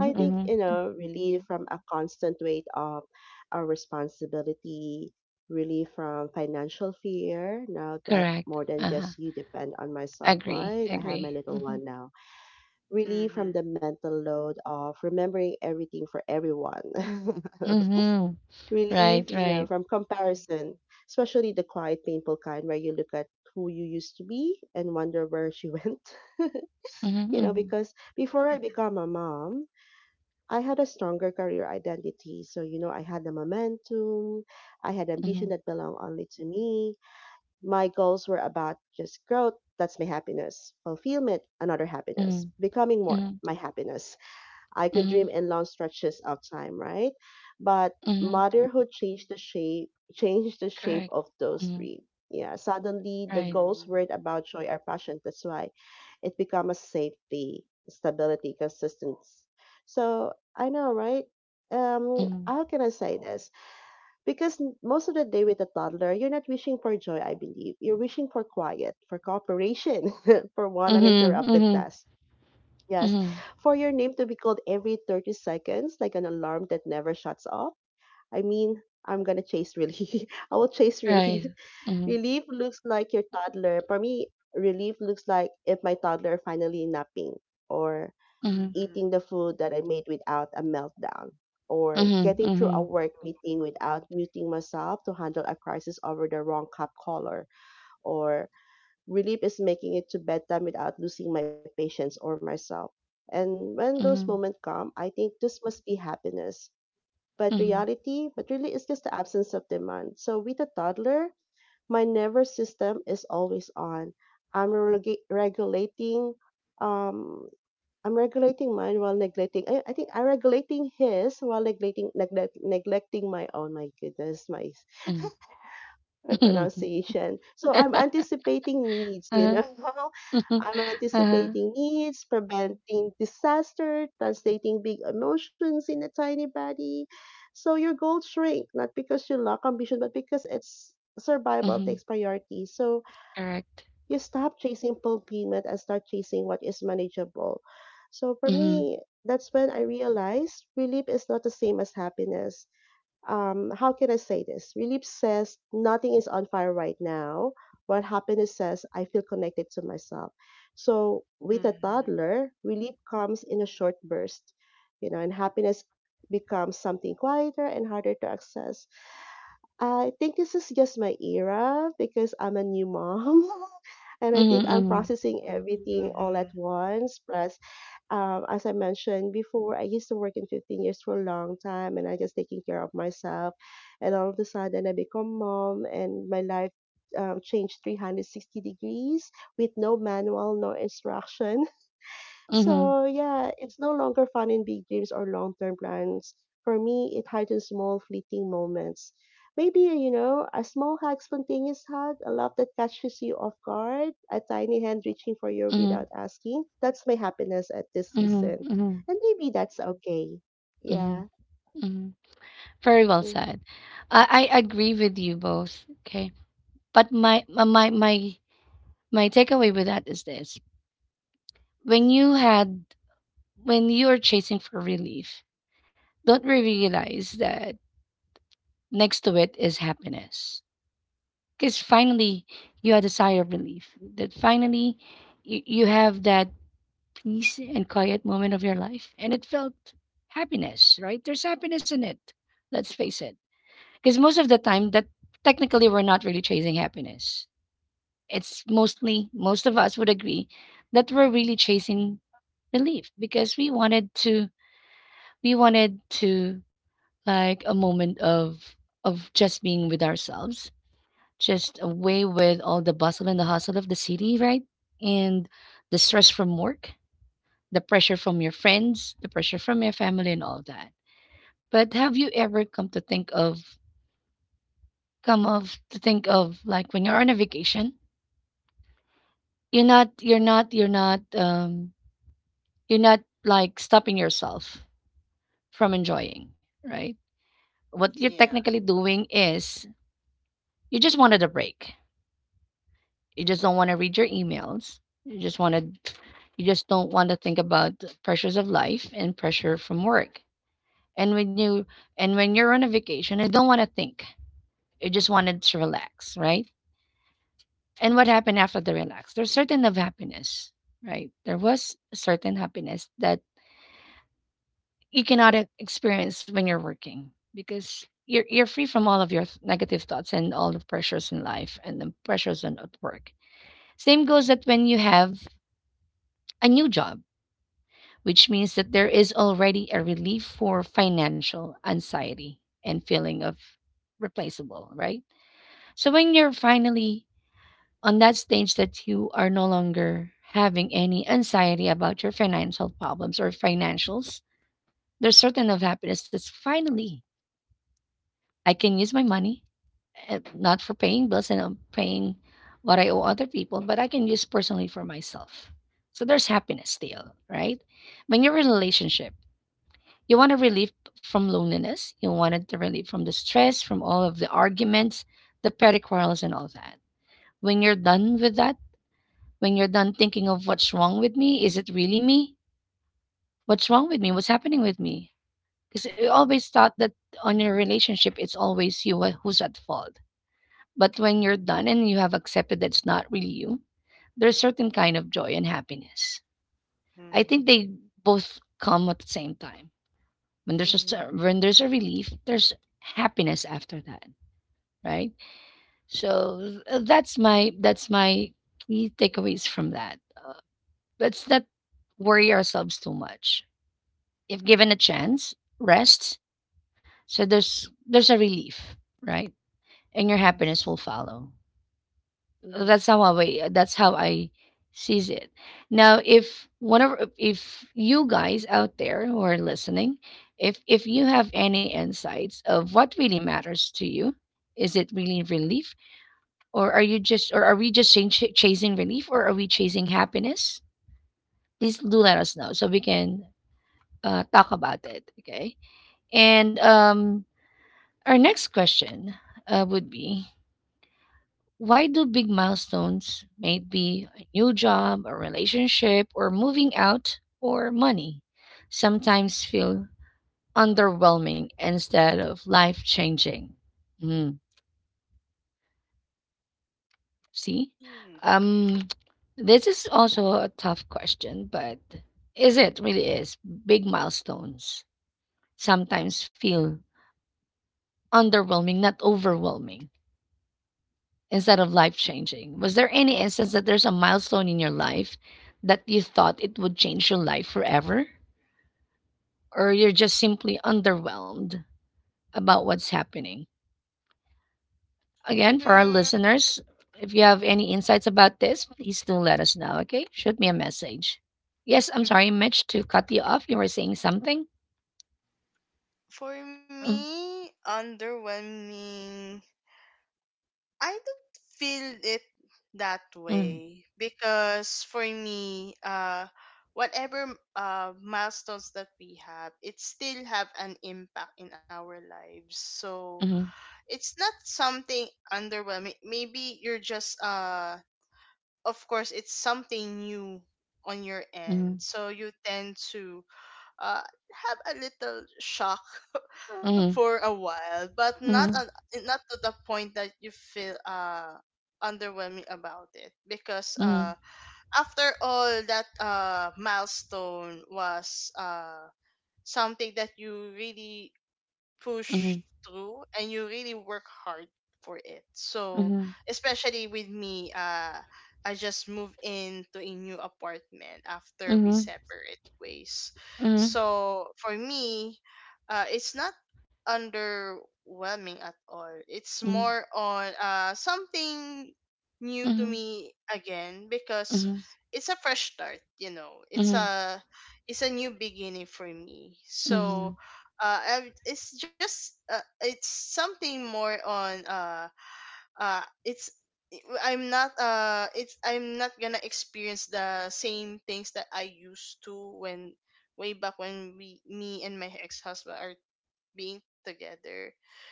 Speaker 3: I think, you
Speaker 1: mm-hmm,
Speaker 3: know, relief from a constant weight of our responsibility, relief from financial fear, now that
Speaker 1: correct,
Speaker 3: more than
Speaker 1: uh-huh.
Speaker 3: just you depend on myself,
Speaker 1: Agree,
Speaker 3: right? I have my
Speaker 1: agree,
Speaker 3: little
Speaker 1: mm-hmm,
Speaker 3: one now. Relief from the
Speaker 2: Mm-hmm.
Speaker 3: mental load of remembering everything for everyone.
Speaker 1: mm-hmm.
Speaker 3: Relief,
Speaker 1: Right,
Speaker 3: you know,
Speaker 1: right.
Speaker 3: from comparison, especially the quiet, painful kind where you look at who you used to be and wonder where she went.
Speaker 1: Mhm,
Speaker 3: You know,
Speaker 1: mhm,
Speaker 3: because before I become a mom, I had a stronger career identity. So, you know, I had the momentum, I had ambition
Speaker 1: mhm,
Speaker 3: that belonged only to me. My goals were about just growth. That's my happiness. Fulfillment, another happiness.
Speaker 1: mhm,
Speaker 3: Becoming more,
Speaker 1: mhm,
Speaker 3: my happiness. I could
Speaker 1: mhm,
Speaker 3: dream in long stretches of time, right? But
Speaker 1: mhm.
Speaker 3: motherhood changed the shape
Speaker 1: Correct.
Speaker 3: of those
Speaker 1: Mhm,
Speaker 3: dreams. Yeah, suddenly the
Speaker 1: right.
Speaker 3: goals
Speaker 2: Mm-hmm.
Speaker 3: weren't about joy or passion. That's why it became a safety, stability, consistency. So I know, right?
Speaker 1: Mhm.
Speaker 3: How can I say this? Because most of the day with a toddler, you're not wishing for joy, I believe. You're wishing for quiet, for cooperation, for one
Speaker 1: Mhm,
Speaker 3: uninterrupted
Speaker 1: mhm,
Speaker 3: task. Yes.
Speaker 1: mhm.
Speaker 3: For your name to be called every 30 seconds, like an alarm that never shuts off. I mean, I'm going to chase relief. I will chase
Speaker 1: Right.
Speaker 3: relief.
Speaker 1: Mhm,
Speaker 3: Relief looks like your toddler. For me, relief looks like if my toddler finally napping or
Speaker 1: mhm,
Speaker 2: Mm-hmm.
Speaker 3: eating the food that I made without a meltdown or
Speaker 1: mhm,
Speaker 3: getting through
Speaker 1: mhm,
Speaker 3: a work meeting without muting myself to handle a crisis over the wrong cup color or Relief is making it to bedtime without losing my patience or myself. And when those
Speaker 1: mhm,
Speaker 3: moments come, I think this must be happiness. But
Speaker 1: mhm,
Speaker 3: reality, but really, it's just the absence of demand. So with a toddler, my nervous system is always on. Regulating, um, I'm regulating mine while neglecting. I think I'm regulating his while neglecting neglecting my own. My goodness, my and
Speaker 1: mhm.
Speaker 3: pronunciation. So I'm anticipating needs, you
Speaker 1: Uh-huh,
Speaker 3: know.
Speaker 1: mhm,
Speaker 3: I'm
Speaker 1: uh-huh,
Speaker 3: anticipating needs, preventing disaster, translating big emotions in a tiny body. So your goals shrink, not because you lack ambition, but because it's survival
Speaker 1: mhm.
Speaker 3: takes priority. So
Speaker 1: Correct.
Speaker 3: you stop chasing fulfillment and start chasing what is manageable. So for
Speaker 1: Mhm,
Speaker 3: me, that's when I realized relief is not the same as happiness. How can I say this? Relief says nothing is on fire right now, while happiness says I feel connected to myself. So with a
Speaker 2: Mm-hmm.
Speaker 3: toddler, relief comes in a short burst, you know, and happiness becomes something quieter and harder to access. I think this is just my era because I'm a new mom. And I
Speaker 1: mhm,
Speaker 3: think I'm
Speaker 1: mhm,
Speaker 3: processing everything all at
Speaker 2: Mm-hmm.
Speaker 3: once. Plus, as I mentioned before, I used to work in 15 years for a long time and I just taking care of myself. And all of a sudden, I become mom and my life changed 360 degrees with no manual, no instruction.
Speaker 1: mhm,
Speaker 3: So yeah, it's no longer fun in big dreams or long-term plans. For me, it hardens small fleeting moments. Maybe, you know, a small hug, spontaneous hug, a laugh that catches you off guard, a tiny hand reaching for you
Speaker 1: mhm,
Speaker 3: without asking. That's my happiness at this
Speaker 1: mhm,
Speaker 3: season.
Speaker 1: mhm,
Speaker 3: And maybe that's okay.
Speaker 1: mhm,
Speaker 3: Yeah.
Speaker 1: mhm. Very well
Speaker 3: Mm-hmm.
Speaker 1: said. I agree with you both. Okay. But my takeaway with that is this. When you had when you're chasing for relief, don't we realize that next to it is happiness? Because finally you had a sigh of relief that finally you have that peace and quiet moment of your life and it felt happiness. Right, there's happiness in it. Let's face it, because most of the time that technically we're not really chasing happiness, it's mostly most of us would agree that we're really chasing relief because we wanted to like a moment of just being with ourselves, just away with all the bustle and the hustle of the city, right? And the stress from work, the pressure from your friends, the pressure from your family and all that. But have you ever come to think of, like when you're on a vacation, you're not you're not you're not um you're not like stopping yourself from enjoying, right? What you're
Speaker 2: Yeah.
Speaker 1: technically doing is you just wanted a break. You just don't wanna read your emails. You just wanna you just don't wanna think about the pressures of life and pressure from work. And when you and when you're on a vacation, you don't wanna think. You just wanted to relax, right? And what happened after the relax? There's certain of happiness, right? There was a certain happiness that you cannot experience when you're working because you're free from all of your negative thoughts and all the pressures in life and the pressures in at work. Same goes that when you have a new job, which means that there is already a relief for financial anxiety and feeling of replaceable, right? So when you're finally on that stage that you are no longer having any anxiety about your financial problems or financials, there's certain of happiness that's finally I can use my money, eh, not for paying bills and paying what I owe other people, but I can use personally for myself. So there's happiness still, right? When your relationship, you want a relief from loneliness. You wanted the relief from the stress, from all of the arguments, the petty quarrels, and all that. When you're done with that, when you're done thinking of what's wrong with me, is it really me? What's wrong with me? What's happening with me? Because you always thought that on your relationship, it's always you who's at fault. But when you're done and you have accepted that it's not really you, there's certain kind of joy and happiness. I
Speaker 2: Mm-hmm.
Speaker 1: think they both come at the same time. When there's a
Speaker 3: Mm-hmm.
Speaker 1: when there's a relief, there's happiness after that, right? So that's my key takeaways from that. Let's not worry ourselves too much. If given a chance, rest. So there's a relief, right? And your happiness
Speaker 3: Yes.
Speaker 1: will follow.
Speaker 3: Mm-hmm.
Speaker 1: That's how that's how I sees it. Now, if one of if you guys out there who are listening, if you have any insights of what really matters to you, is it really relief, or are we just chasing relief, or are we chasing happiness? Please do let us know so we can talk about it. Okay, and our next question would be, why do big milestones, maybe a new job, a relationship, or moving out, or money, sometimes feel underwhelming instead of life changing? Mm, see?
Speaker 2: Hmm.
Speaker 1: Um, this is also a
Speaker 3: Mm-hmm.
Speaker 1: tough question, but is it really is? Big milestones sometimes feel underwhelming, not overwhelming, instead of life changing. Was there any instance that there's a milestone in your life that you thought it would change your life forever? Or you're just simply underwhelmed about what's happening? Again, for our
Speaker 2: Hmm.
Speaker 1: listeners, if you have any insights about this, please do let us know, okay? Shoot me a message. Yes, I'm sorry, Mitch, to cut you off. You were saying something?
Speaker 2: For
Speaker 1: Mm.
Speaker 2: me, underwhelming. I don't feel it that
Speaker 1: Mm.
Speaker 2: way, because for me, whatever milestones that we have, it still have an impact in our lives. So
Speaker 1: Mhm.
Speaker 2: it's not something underwhelming. Maybe you're just, of course, it's something new on your end,
Speaker 1: Mhm.
Speaker 2: so you tend to uh have a little shock
Speaker 1: Mhm.
Speaker 2: for a while, but
Speaker 1: Mhm.
Speaker 2: not to the point that you feel underwhelming about it, because
Speaker 1: Mhm.
Speaker 2: after all that milestone was something that you really push
Speaker 1: Mhm.
Speaker 2: through and you really work hard for it. So,
Speaker 1: Mhm.
Speaker 2: especially with me, I just moved into a new apartment after we
Speaker 1: Mhm.
Speaker 2: separate ways.
Speaker 1: Mhm.
Speaker 2: So, for me, it's not underwhelming at all. It's
Speaker 1: Mhm.
Speaker 2: more on, something new to
Speaker 1: Mhm.
Speaker 2: me again, because
Speaker 1: Mhm.
Speaker 2: it's a fresh start. It's
Speaker 1: Mhm.
Speaker 2: a it's a new beginning for me.
Speaker 1: Mhm.
Speaker 2: So I- it's just it's Something more on, uh it's it's I'm not gonna experience the same things that I used to, when way back when we me and my ex husband are being together.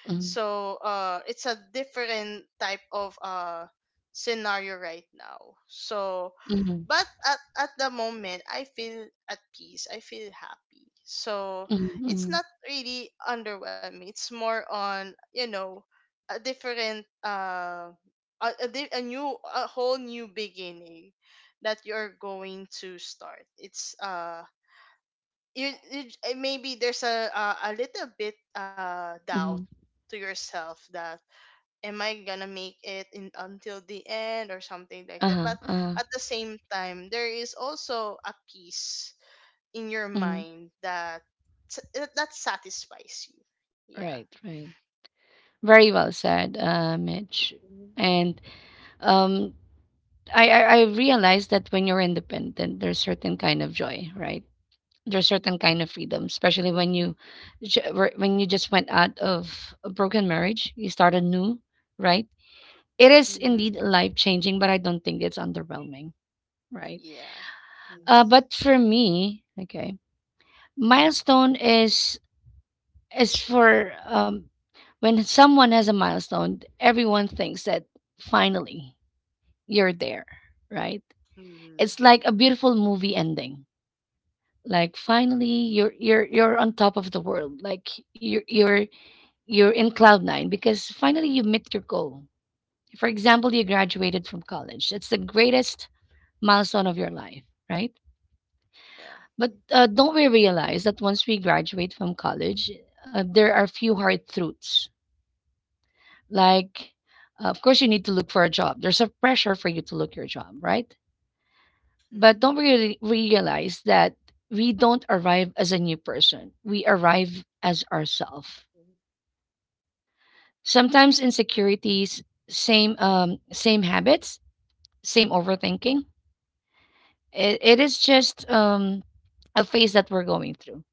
Speaker 1: Mhm.
Speaker 2: uh, it's a different type of scenario right now. So,
Speaker 1: Mhm,
Speaker 2: but at the moment, I feel at peace. I feel happy. So
Speaker 1: mhm,
Speaker 2: it's
Speaker 1: mhm,
Speaker 2: not really underwhelming. It's more on, a different, a, di- a new, a whole new beginning that you're going to start. It's maybe there's a little bit doubt
Speaker 1: mhm.
Speaker 2: to yourself, that am I gonna make it in until the end or something like that. But
Speaker 1: Uh-huh,
Speaker 2: at
Speaker 1: uh-huh,
Speaker 2: the same time, there is also a peace in your
Speaker 1: mhm.
Speaker 2: mind that that satisfies you. Yeah.
Speaker 1: Right, right. Very well
Speaker 3: Yes.
Speaker 1: said, Mitch.
Speaker 3: Mm-hmm.
Speaker 1: And um, I realized that when you're independent, there's certain kind of joy, right? There's
Speaker 2: Yeah.
Speaker 1: certain kind of freedom, especially when you
Speaker 3: Mm-hmm.
Speaker 1: when you just went out of a broken marriage, you started new, right? It is
Speaker 2: Mm-hmm.
Speaker 1: indeed life changing, but I don't think it's underwhelming, right?
Speaker 2: Yeah. Mm-hmm.
Speaker 1: But
Speaker 3: Yes.
Speaker 1: for me, okay, milestone is, as for when someone has a milestone, everyone thinks that finally you're there, right?
Speaker 2: Mm-hmm.
Speaker 1: It's like a beautiful movie ending. Like finally you're on top of the world. Like you're you're you're in cloud nine because finally you met your goal. For example, you graduated from college. It's the greatest milestone of your life, right?
Speaker 2: Yeah.
Speaker 1: But don't we realize that once we graduate from college, there are few hard truths. Like, of course, you need to look for a job. There's a pressure for you to look your job, right? But don't really realize that we don't arrive as a new person. We arrive as ourselves.
Speaker 3: Mhm.
Speaker 1: Sometimes insecurities, same same habits, same overthinking. It is just a phase that we're going through.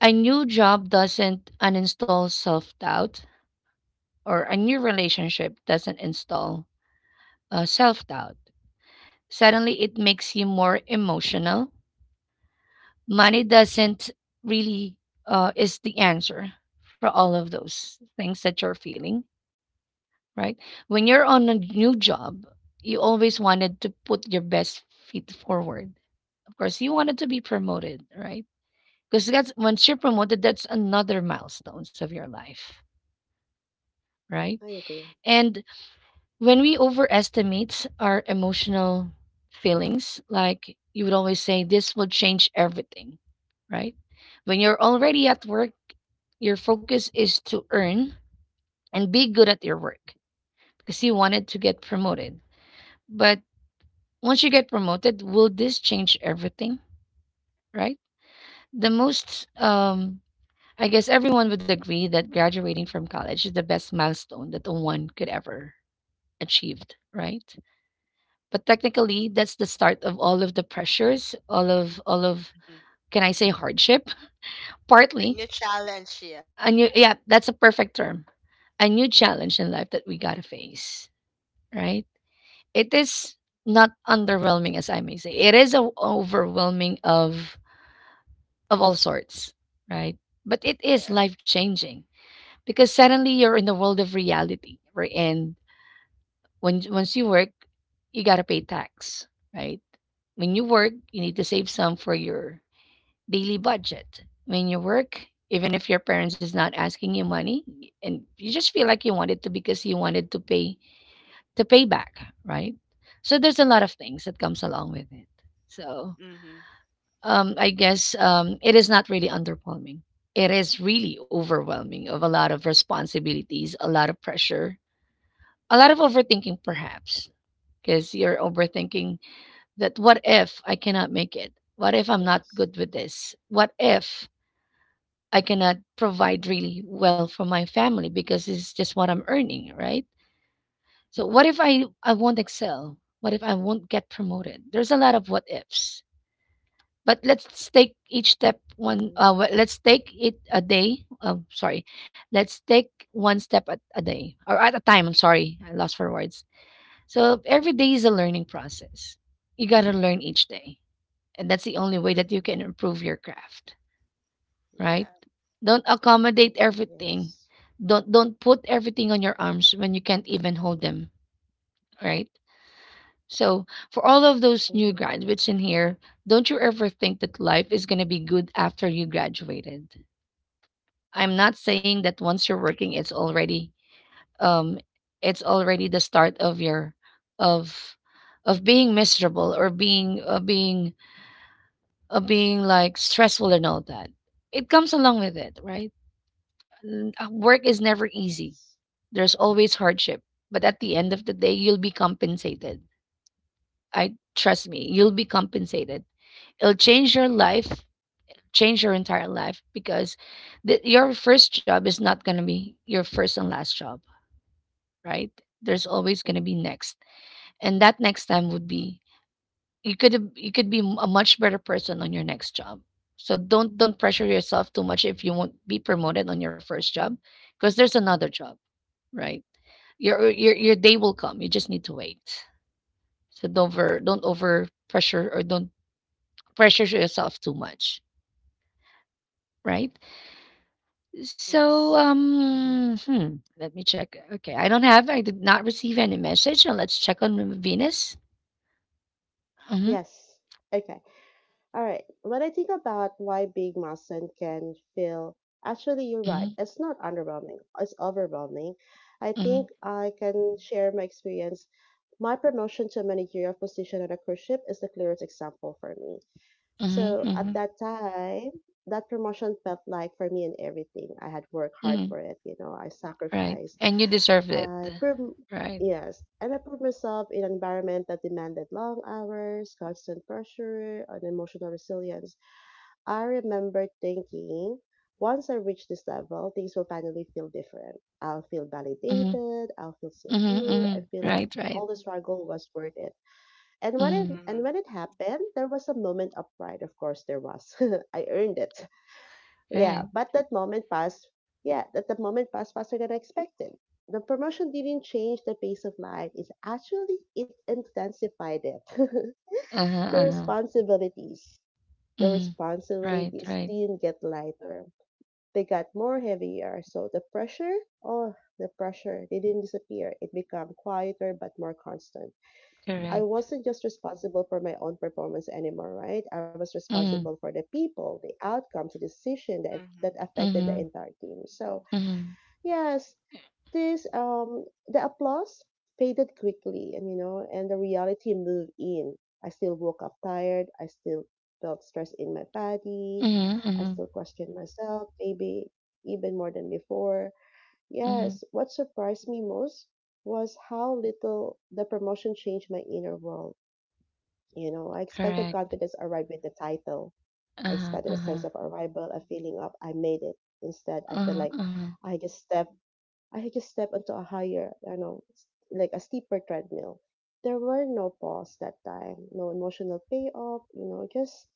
Speaker 1: A new job doesn't uninstall self doubt, or a new relationship doesn't install self doubt, suddenly it makes you more emotional. Money doesn't really is the answer for all of those things that you're feeling, right? When you're on a new job, you always wanted to put your best feet forward. Of course, you wanted to be promoted, right? Because that's once you're promoted, that's another milestones of your life, right?
Speaker 3: I agree.
Speaker 1: And when we overestimate our emotional feelings, like you would always say, this will change everything, right? When you're already at work, your focus is to earn and be good at your work because you wanted to get promoted. But once you get promoted, will this change everything, right? The most, I guess everyone would agree that graduating
Speaker 3: Mm-hmm.
Speaker 1: from college is the best milestone that one could ever achieved, right? But technically, that's the start of all of the pressures, all of
Speaker 2: Mm-hmm.
Speaker 1: can I say hardship?
Speaker 2: A
Speaker 1: Partly.
Speaker 2: new challenge. Yeah.
Speaker 1: A new, yeah, that's a perfect term. A new
Speaker 2: Mm-hmm.
Speaker 1: challenge in life that we gotta face, right? It is not underwhelming as I may say. It is a overwhelming of all sorts, right? But it is
Speaker 2: Yeah.
Speaker 1: life changing because
Speaker 2: Mm-hmm.
Speaker 1: suddenly you're in the world of reality, right? And when once you work, you gotta pay tax, right? When you work, you need to save some for your daily budget. When you work, even if your parents is not asking you money, and you just feel like you wanted to because you wanted to pay back, right? So there's a lot of things that comes along with it. So
Speaker 2: Mm-hmm.
Speaker 1: I guess it is not really underwhelming. It is really overwhelming of a lot of responsibilities, a lot of pressure, a lot of overthinking, perhaps, because you're
Speaker 3: Mm-hmm.
Speaker 1: overthinking that what if I cannot make it? What if I'm not
Speaker 3: Yes.
Speaker 1: good with this? What if I cannot provide really well for my family because it's just what I'm earning, right? So what if I won't excel? What if I won't get promoted? There's a lot of what ifs. But let's take each step one.
Speaker 3: Mm-hmm.
Speaker 1: Let's take it a day. Sorry, let's take one step at a day or at a time. I'm sorry, I lost for words. So every day is a learning process. You gotta learn each day, and that's the only way that you can
Speaker 2: Mm-hmm.
Speaker 1: improve your craft, right?
Speaker 2: Yeah.
Speaker 1: Don't accommodate
Speaker 3: Mhm,
Speaker 1: everything.
Speaker 3: yes.
Speaker 1: Don't put everything on your arms when you can't even hold them, right? So for all of those new
Speaker 3: Hmm.
Speaker 1: graduates in here, don't you ever think that life is gonna be good after you graduated. I'm not saying that once you're working, um it's already the start of your of of being miserable or being being being like stressful and all that. It comes along with it, right? Work is never easy.
Speaker 3: Yes.
Speaker 1: There's always hardship, but at the end of the day, you'll be compensated. I trust me, you'll be compensated. It'll change your life, change your entire life because your first job is not going to be your first and last job, right? There's always going to be
Speaker 3: Hmm.
Speaker 1: next, and that next time would be you you could be a much better person on your next job. So don't pressure yourself too much if you won't be promoted on your first job because there's another job, right? Your day will come. You just need to wait. So don't over pressure or don't pressure yourself too much, right? So
Speaker 3: Yes. Hmm.
Speaker 1: let me check. Okay, I don't have I did not receive any message. Now let's check on Venus. Mhm.
Speaker 3: Yes. Okay. All right. When I think about why Big Mountain can feel, actually, you're right.
Speaker 1: Mhm.
Speaker 3: It's not underwhelming. It's overwhelming. I
Speaker 1: Mhm.
Speaker 3: think I can share my experience. My promotion to a managerial position on a cruise ship is the clearest example for me.
Speaker 1: Mhm.
Speaker 3: So at
Speaker 1: Mhm.
Speaker 3: that time, that promotion felt like for me and everything. I had worked hard
Speaker 1: Mhm.
Speaker 3: for it. You know, I
Speaker 1: Right.
Speaker 3: sacrificed
Speaker 1: And you deserve it.
Speaker 3: I proved,
Speaker 1: Right.
Speaker 3: yes, and I proved myself in an environment that demanded long hours, constant pressure, and emotional resilience. I remember thinking, once I reach this level, things will finally feel different. I'll feel
Speaker 1: Mhm.
Speaker 3: validated, I'll feel
Speaker 1: Mhm.
Speaker 3: secure, I
Speaker 1: Mhm.
Speaker 3: feel like
Speaker 1: Right,
Speaker 3: all
Speaker 1: right.
Speaker 3: the struggle was worth it. And when it
Speaker 1: Mhm.
Speaker 2: Mm-hmm.
Speaker 3: and when it happened, there was a moment of pride. Of course, there was. I earned it. Yeah,
Speaker 1: Right.
Speaker 3: but that moment passed. Yeah, that the moment passed faster than I expected. The promotion didn't change the pace of life. It's actually it intensified it.
Speaker 1: Uh-huh.
Speaker 3: the
Speaker 1: Uh-huh.
Speaker 3: responsibilities, the
Speaker 1: Mhm. Right,
Speaker 3: responsibilities
Speaker 1: right.
Speaker 3: didn't get lighter. They got more heavier. So oh, the pressure, they didn't disappear. It became quieter but more constant. I
Speaker 1: Correct.
Speaker 3: wasn't just responsible for my own performance anymore, right? I was responsible
Speaker 1: Mhm.
Speaker 3: for the people, the outcomes, the decision that that
Speaker 2: Mhm.
Speaker 3: affected the
Speaker 1: Mhm.
Speaker 3: entire team. So
Speaker 1: Mhm.
Speaker 3: yes, this the applause faded quickly, and you know, and the reality moved in. I still woke up tired. I still felt stress in my body.
Speaker 1: Mhm.
Speaker 3: I
Speaker 1: Mhm.
Speaker 3: still questioned myself, maybe even more than before.
Speaker 1: Mhm.
Speaker 3: Yes, what surprised me most was how little the promotion changed my inner world. You know, I expected
Speaker 1: Correct.
Speaker 3: confidence arrived with the title. I
Speaker 1: Uh-huh,
Speaker 3: expected a
Speaker 1: uh-huh,
Speaker 3: sense of arrival, a feeling of I made it. Instead, I feel
Speaker 1: uh-huh,
Speaker 3: like
Speaker 1: uh-huh,
Speaker 3: I just step, I just step onto a higher, you know, like a steeper treadmill. There were no pause that time, no emotional payoff, you know,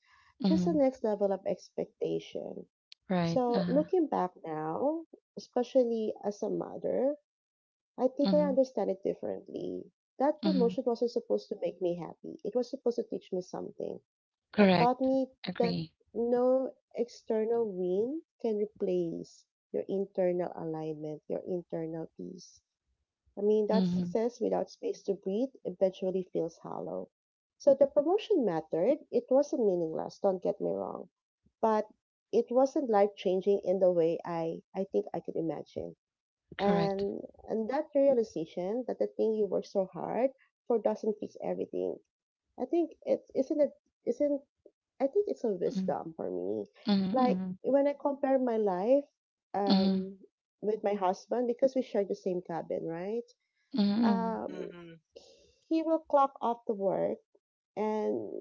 Speaker 3: just the
Speaker 1: mhm,
Speaker 3: next level of expectation.
Speaker 1: right,
Speaker 3: So
Speaker 1: uh-huh,
Speaker 3: looking back now, especially as a mother, I think I
Speaker 1: mhm,
Speaker 3: understand it differently. That
Speaker 1: mhm,
Speaker 3: promotion wasn't supposed to make me happy. It was supposed to teach me something. It taught
Speaker 1: correct,
Speaker 3: me that
Speaker 1: agree,
Speaker 3: no external win can replace your internal alignment, your internal peace. I mean, that
Speaker 1: mhm,
Speaker 3: success without space to breathe eventually feels hollow. So the promotion mattered. It wasn't meaningless, don't get me wrong. But it wasn't life changing in the way I think I could imagine.
Speaker 1: correct,
Speaker 3: And and that realization that the thing you work so hard for doesn't fix everything. I think it isn't I think it's a
Speaker 1: mhm,
Speaker 3: wisdom for me.
Speaker 1: mhm,
Speaker 3: Like
Speaker 1: mhm,
Speaker 3: when I compare my life
Speaker 1: mhm,
Speaker 3: um with my husband because we share the same cabin, right?
Speaker 1: mhm,
Speaker 3: Um
Speaker 2: Mhm.
Speaker 3: he will clock off to work and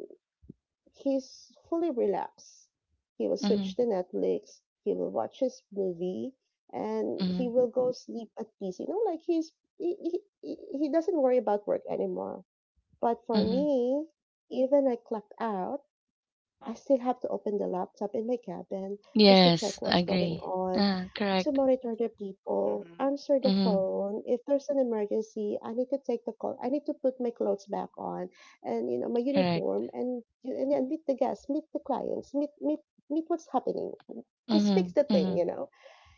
Speaker 3: he's fully relaxed. He will
Speaker 1: mhm, mhm,
Speaker 3: switch to Netflix, he will watch his movie, and
Speaker 1: mhm,
Speaker 3: he will go sleep at peace. You know, like he's he doesn't worry about work anymore. But for
Speaker 1: mhm,
Speaker 3: me, even I clock out, I still have to open the laptop in my cabin just to
Speaker 1: yes,
Speaker 3: check what's going
Speaker 1: agree,
Speaker 3: on,
Speaker 1: uh,
Speaker 3: to
Speaker 1: correct,
Speaker 3: monitor the people,
Speaker 2: Mhm.
Speaker 3: answer the
Speaker 1: mhm,
Speaker 3: phone. If there's an emergency, I need to take the call. I need to put my clothes back on and you know my
Speaker 1: correct,
Speaker 3: uniform and and meet the guests, meet the clients, meet what's happening. Just fix
Speaker 1: mhm,
Speaker 3: the thing,
Speaker 1: mhm,
Speaker 3: you know.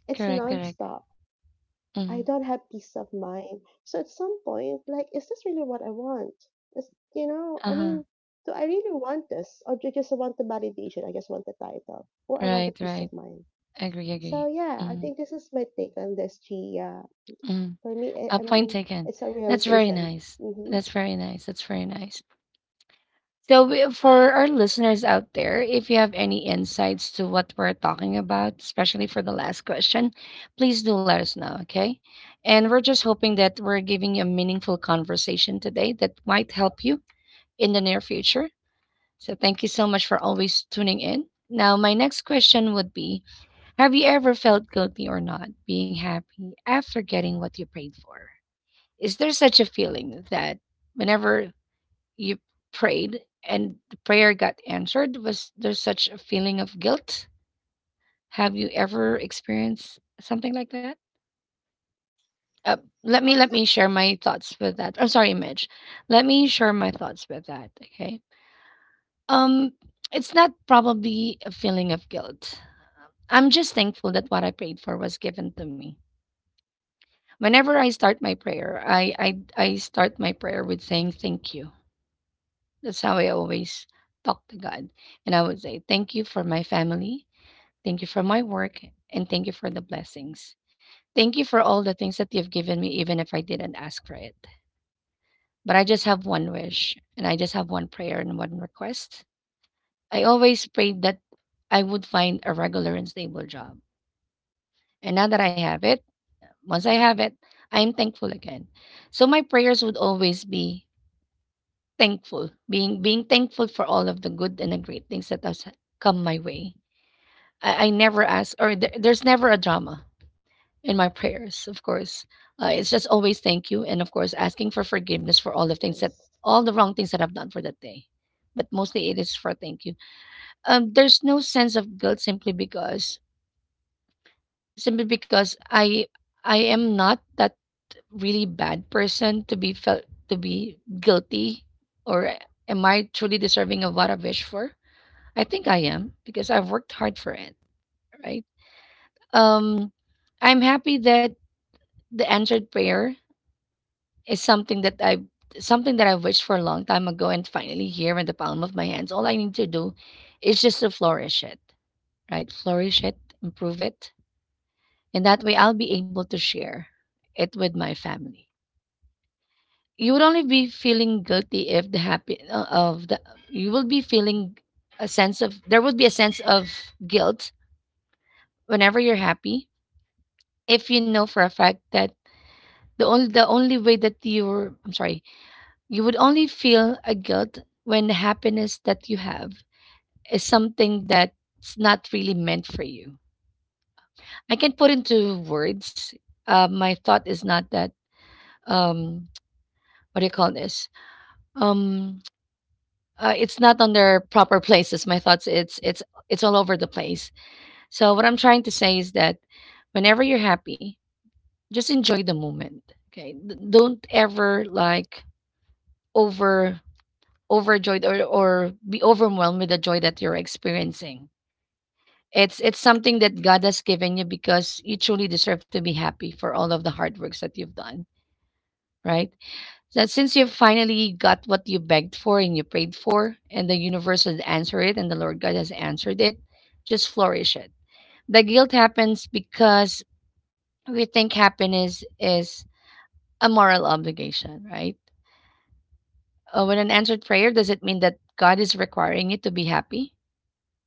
Speaker 3: It's
Speaker 1: correct, correct,
Speaker 3: nonstop. I
Speaker 1: mhm,
Speaker 3: don't have peace of mind. So at some point, like, is this really what I want? Is, you know, I
Speaker 1: uh-huh,
Speaker 3: mean, do I really want this? Or do I just want the validation? I just want the title. Or I want the
Speaker 1: right,
Speaker 3: peace
Speaker 1: right,
Speaker 3: of mind.
Speaker 1: agree,
Speaker 3: So
Speaker 1: agree,
Speaker 3: yeah, I
Speaker 1: mhm,
Speaker 3: think this is my take on this, G. Yeah.
Speaker 1: mhm,
Speaker 3: For me, I,
Speaker 1: a
Speaker 3: I
Speaker 1: point
Speaker 3: mean,
Speaker 1: taken,
Speaker 3: it's a
Speaker 1: that's very
Speaker 3: realization.
Speaker 1: nice,
Speaker 3: Mm-hmm.
Speaker 1: that's very nice, that's very nice. So, for our listeners out there, if you have any insights to what we're talking about, especially for the last question, please do let us know, okay? And we're just hoping that we're giving you a meaningful conversation today that might help you in the near future. So, thank you so much for always tuning in. Now, my next question would be, have you ever felt guilty or not being happy after getting what you prayed for? Is there such a feeling that whenever you prayed and the prayer got answered? Was there such a feeling of guilt? Have you ever experienced something like that? Uh,
Speaker 2: Well,
Speaker 1: let me share my thoughts with that. I'm sorry, Midge. Let me share my thoughts with that. Okay. Um, it's not probably a feeling of guilt. I'm just thankful that what I prayed for was given to me. Whenever I start my prayer, I start my prayer with saying thank you. That's how I always talk to God. And I would say, thank you for my family. Thank you for my work, and thank you for the blessings. Thank you for all the things that you've given me, even if I didn't ask for it. But I just have one wish, and I just have one prayer and one request. I always prayed that I would find a regular and stable job. And now that I have it, once I have it, I'm thankful again. So my prayers would always be thankful, being thankful for all of the good and the great things that has come my way. I never ask, or there's never a drama in my prayers, of course. It's just always thank you, and of course asking for forgiveness for all the
Speaker 3: That's
Speaker 1: things that
Speaker 3: nice.
Speaker 1: all the wrong things that I've done for that day. But mostly it is for thank you. There's no sense of guilt simply because I am not that really bad person to be felt to be guilty, or am I truly deserving of what I wish for? I think I am because I've worked hard for it, right? Um, I'm happy that the answered prayer is something that I something that I've wished for a long time ago and finally here in the palm of my hands. All I need to do is just to flourish it, right? Flourish it, improve it. And that way I'll be able to share it with my family. You would only be feeling guilty if the happy of the you will be feeling a sense of there would be a sense of guilt whenever you're happy if you know for a fact that the only way that you're I'm sorry. You would only feel a guilt when the happiness that you have is something that's not really meant for you. I can put into words. My thought is not that. Um, what do you call this? Um, it's not on their proper places. My thoughts. It's it's all over the place. So what I'm trying to say is that whenever you're happy, just enjoy the moment. Okay, don't ever like over overjoyed or be overwhelmed with the joy that you're experiencing. It's something that God has given you because you truly deserve to be happy for all of the hard works that you've done, right? That since you finally got what you begged for and you prayed for, and the universe has answered it, and the Lord God has answered it, just flourish it. The guilt happens because we think happiness is a moral obligation, right? When an answered prayer, does it mean that God is requiring you to be happy?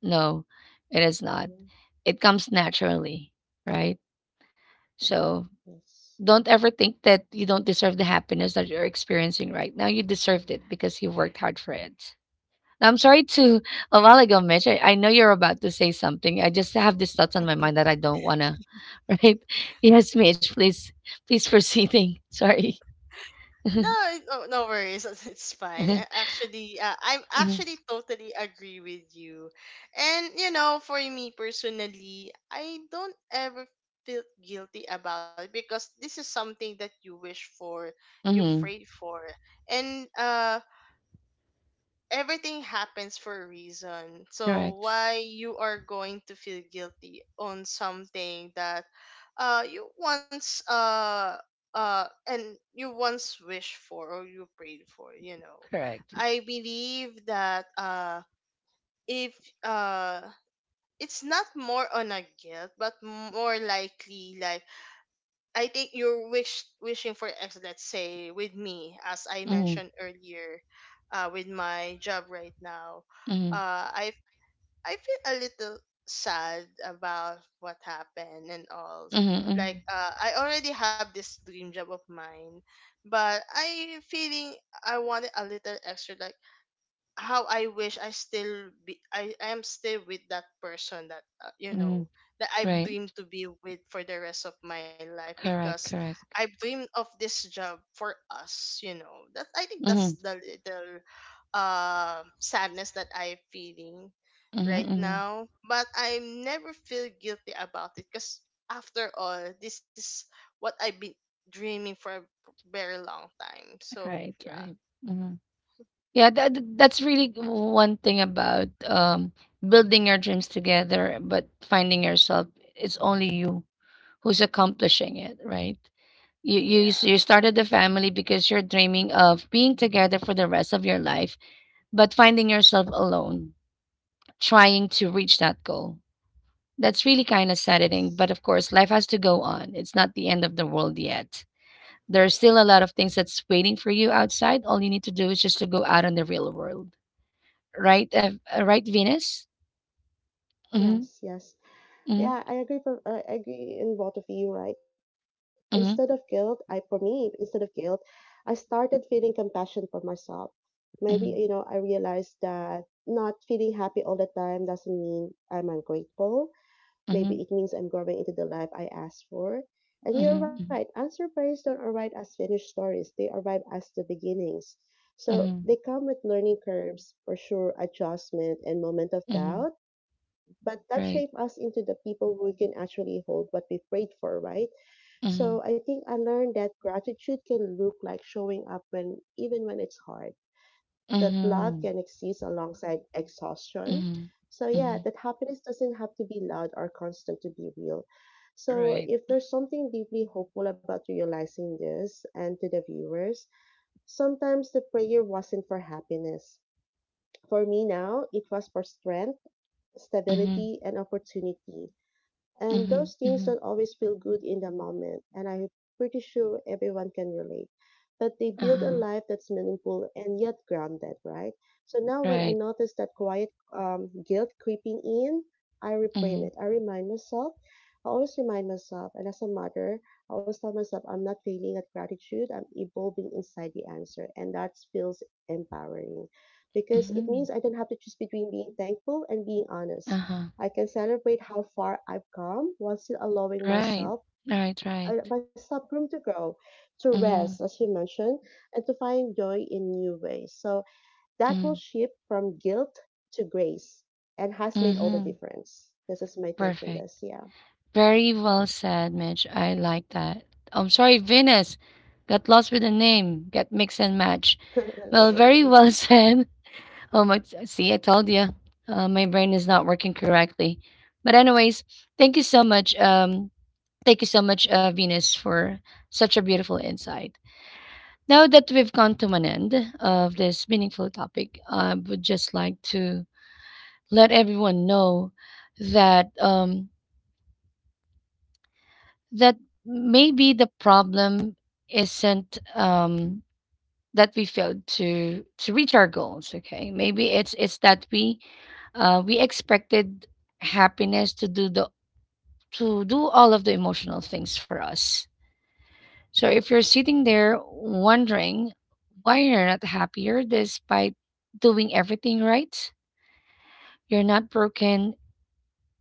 Speaker 1: No, it is not.
Speaker 3: Mm-hmm.
Speaker 1: It comes naturally, right? So
Speaker 3: Yes.
Speaker 1: don't ever think that you don't deserve the happiness that you're experiencing right now. You deserved it because you worked hard for it. Now, I'm sorry to a while ago, Mitch. I know you're about to say something. I just have these thoughts on my
Speaker 2: no,
Speaker 1: mind that I don't wanna, right? Yes, Mitch, please, please proceeding. Sorry.
Speaker 2: no, no no worries. It's fine.
Speaker 1: Mm-hmm.
Speaker 2: Actually, I'm actually totally agree with you. And, for me personally, I don't ever feel guilty about it, because this is something that you wish for, you
Speaker 1: Mm-hmm.
Speaker 2: prayed for, and everything happens for a reason. So
Speaker 1: Correct.
Speaker 2: why you are going to feel guilty on something that uh you once uh uh and you once wished for, or you prayed for, you know.
Speaker 1: Correct.
Speaker 2: I believe that if uh it's not more on a guilt, but more likely, like, I think you're wishing for excellence. Say with me, as I
Speaker 1: Mm-hmm.
Speaker 2: mentioned earlier, with my job right now,
Speaker 1: Mm-hmm.
Speaker 2: uh, I I feel a little sad about what happened and all.
Speaker 1: Mm-hmm. Mm-hmm.
Speaker 2: Like, I already have this dream job of mine, but I feeling I wanted a little extra. Like, how I wish I still I am still with that person that,
Speaker 1: Mm-hmm.
Speaker 2: that I
Speaker 1: Right.
Speaker 2: dream to be with for the rest of my life, because
Speaker 1: Correct.
Speaker 2: I
Speaker 1: Correct.
Speaker 2: dreamed of this job for us, that I think that's
Speaker 1: Mhm.
Speaker 2: the little sadness that I'm feeling
Speaker 1: Mhm,
Speaker 2: right
Speaker 1: mhm.
Speaker 2: now. But I never feel guilty about it, because after all this is what I've been dreaming for a very long time. So,
Speaker 1: Right,
Speaker 2: yeah,
Speaker 1: right. Mhm. Yeah, that that's really one thing about building your dreams together, but finding yourself it's only you who's accomplishing it, right? You
Speaker 2: yeah,
Speaker 1: you started the family because you're dreaming of being together for the rest of your life, but finding yourself alone, trying to reach that goal. That's really kind of saddening, but of course, life has to go on. It's not the end of the world yet. There's
Speaker 2: yeah.
Speaker 1: still a lot of things that's waiting for you outside. All you need to do is just to go out in the real world, right? Right, Venus. Mm-hmm.
Speaker 3: Yes, yes.
Speaker 1: Mm-hmm.
Speaker 3: Yeah, I agree in both of you, right?
Speaker 1: Mm-hmm.
Speaker 3: Instead of guilt, I started feeling compassion for myself. Maybe, you know, I realized that not feeling happy all the time doesn't mean I'm ungrateful.
Speaker 1: Mm-hmm.
Speaker 3: Maybe it means I'm growing into the life I asked for. And you're right,
Speaker 1: Mm-hmm.
Speaker 3: answer prayers don't arrive as finished stories. They arrive as the beginnings. So
Speaker 1: Mm-hmm.
Speaker 3: they come with learning curves for sure, adjustment and moment of
Speaker 1: Mm-hmm.
Speaker 3: doubt but that
Speaker 1: Right.
Speaker 3: shaped us into the people who can actually hold what we prayed for, right?
Speaker 1: Mm-hmm.
Speaker 3: So I think I learned that gratitude can look like showing up when even when it's hard, that love
Speaker 1: Mm-hmm.
Speaker 3: can exist alongside exhaustion.
Speaker 1: Mm-hmm.
Speaker 3: So yeah,
Speaker 1: Mm-hmm.
Speaker 3: that happiness doesn't have to be loud or constant to be real. So
Speaker 1: Right.
Speaker 3: if there's something deeply hopeful about realizing this and to the viewers, sometimes the prayer wasn't for happiness. For me now, it was for strength,
Speaker 1: Mm-hmm.
Speaker 3: stability, and opportunity. And
Speaker 1: Mm-hmm.
Speaker 3: those things
Speaker 1: Mm-hmm.
Speaker 3: don't always feel good in the moment, and I'm pretty sure everyone can relate. But they build a
Speaker 1: Uh-huh.
Speaker 3: life that's meaningful and yet grounded, right? So now when I
Speaker 1: Right.
Speaker 3: notice that quiet guilt creeping in, I reframe
Speaker 1: Mm-hmm.
Speaker 3: it. I remind myself, I always remind myself, and as a mother, I always tell myself, I'm not failing at gratitude, I'm evolving inside the answer. And that feels empowering because it
Speaker 1: Mm-hmm.
Speaker 3: means I don't have to choose between being thankful and being honest.
Speaker 1: Uh-huh.
Speaker 3: I can celebrate how far I've come while still allowing
Speaker 1: Right. Right. Right.
Speaker 3: myself room to grow, to rest,
Speaker 1: Mm-hmm.
Speaker 3: as you mentioned, and to find joy in new ways. So that will
Speaker 1: Mm-hmm.
Speaker 3: shift from guilt to grace and has made all the
Speaker 1: Mm-hmm.
Speaker 3: difference. This is my take on
Speaker 1: Perfect.
Speaker 3: this. Yeah.
Speaker 1: Very well said, Mitch. I like that. I'm sorry, Venus. Got lost with the name. Got mix and match.
Speaker 3: No
Speaker 1: Well, very
Speaker 3: worries.
Speaker 1: well said. Oh my! See, I told you. My brain is not working correctly. But anyways, thank you so much. Thank you so much, Venus, for such a beautiful insight. Now that we've come to an end of this meaningful topic, I would just like to let everyone know that that maybe the problem isn't that we failed to reach our goals. Okay, maybe it's that we expected happiness to do the to do all of the emotional things for us. So if you're sitting there wondering why you're not happier despite doing everything right, you're not broken.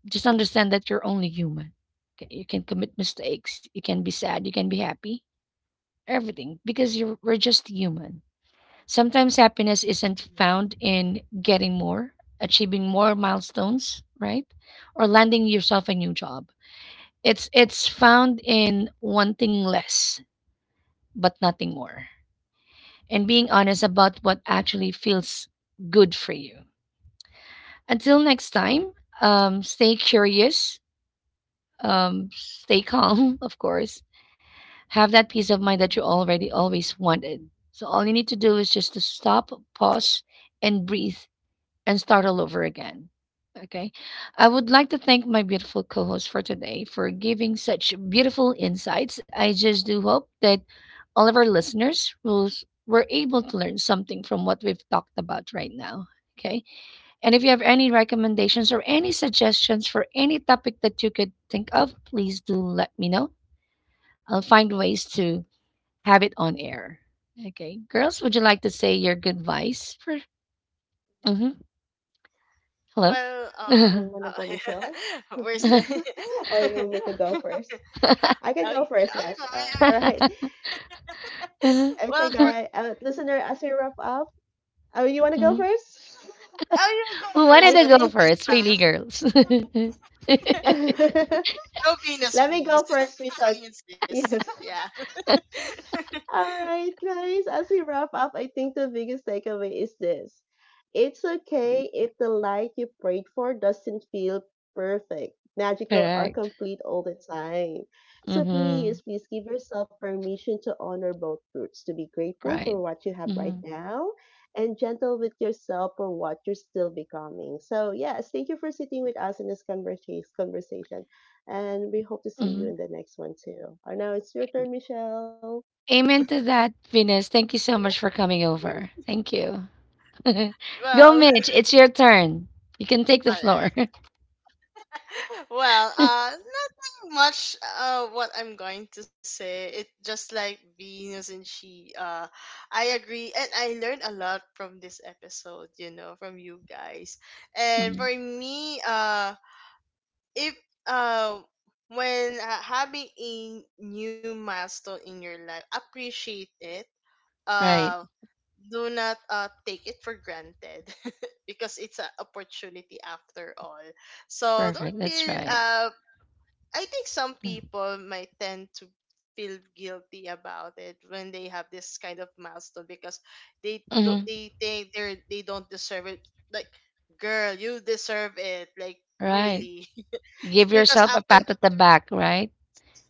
Speaker 1: Just understand that you're only human. Okay, you can commit mistakes. You can be sad. You can be happy everything because you're, we're just human. Sometimes happiness isn't
Speaker 3: Mhm.
Speaker 1: found in getting more, achieving more milestones, right? Or landing yourself a new job. It's found in wanting less but nothing more and being honest about what actually feels good for you. Until next time, stay curious, stay calm, of course, have that peace of mind that you already always wanted. So all you need to do is just to stop, pause, and breathe and start all over again. Okay. I would like to thank my beautiful co host for today for giving such beautiful insights. I just do hope that all of our listeners who's, were able to learn something from what we've talked about right now. Okay. And if you have any recommendations or any suggestions for any topic that you could think of, please do let me know. I'll find ways to have it on air. Okay. Girls, would you like to say your good advice? For mhm. Hello?
Speaker 2: Well,
Speaker 3: You want to go,
Speaker 2: uh
Speaker 3: Michelle?
Speaker 2: we're still.
Speaker 3: Or
Speaker 2: Oh,
Speaker 3: you want me to go first? I can go
Speaker 2: yeah,
Speaker 3: first,
Speaker 2: all
Speaker 3: guys. All
Speaker 2: right.
Speaker 3: right.
Speaker 1: Mhm.
Speaker 3: Okay,
Speaker 2: Well, for
Speaker 3: guys. Listener, as we wrap up, you want to go
Speaker 1: Mhm.
Speaker 3: first?
Speaker 2: Oh, you go
Speaker 1: Who wanted
Speaker 3: I
Speaker 2: first,
Speaker 1: to go
Speaker 3: think
Speaker 2: this
Speaker 1: first?
Speaker 2: time.
Speaker 1: Really, girls.
Speaker 2: No, penis,
Speaker 3: Let me
Speaker 2: please.
Speaker 3: go first, Michelle.
Speaker 2: I insist.
Speaker 3: Yes.
Speaker 2: Yeah.
Speaker 3: All right, guys, as we wrap up, I think the biggest takeaway is this. It's okay if the light you prayed for doesn't feel perfect, magical, or
Speaker 1: Correct.
Speaker 3: complete all the time. So
Speaker 1: Hmm.
Speaker 3: please, please give yourself permission to honor both roots, to be grateful for
Speaker 1: Right.
Speaker 3: what you have right
Speaker 1: Hmm.
Speaker 3: now and gentle with yourself for what you're still becoming. So, yes, thank you for sitting with us in this conversation, and we hope to see you
Speaker 1: Hmm.
Speaker 3: in the next one too. And now it's your turn, Michelle.
Speaker 1: Amen to that, Venus. Thank you so much for coming over. Thank you. Go,
Speaker 2: Well, all
Speaker 1: Mitch. It's your turn. You can take the floor.
Speaker 2: right. Well, nothing much. What I'm going to say, it just like Venus and she. I agree, and I learned a lot from this episode. You know, from you guys, and for
Speaker 1: Mhm.
Speaker 2: me, if uh, when having a new milestone in your life, appreciate it.
Speaker 1: Right.
Speaker 2: Uh, do not take it for granted, because it's an opportunity after all. So, don't
Speaker 1: Perfect. That's
Speaker 2: feel.
Speaker 1: right.
Speaker 2: I think some people might tend to feel guilty about it when they have this kind of milestone, because
Speaker 1: Mm-hmm.
Speaker 2: they think they don't deserve it. Like, girl, you deserve it. Like,
Speaker 1: Right.
Speaker 2: really,
Speaker 1: Give
Speaker 2: because
Speaker 1: yourself a
Speaker 2: after
Speaker 1: pat at the back, right?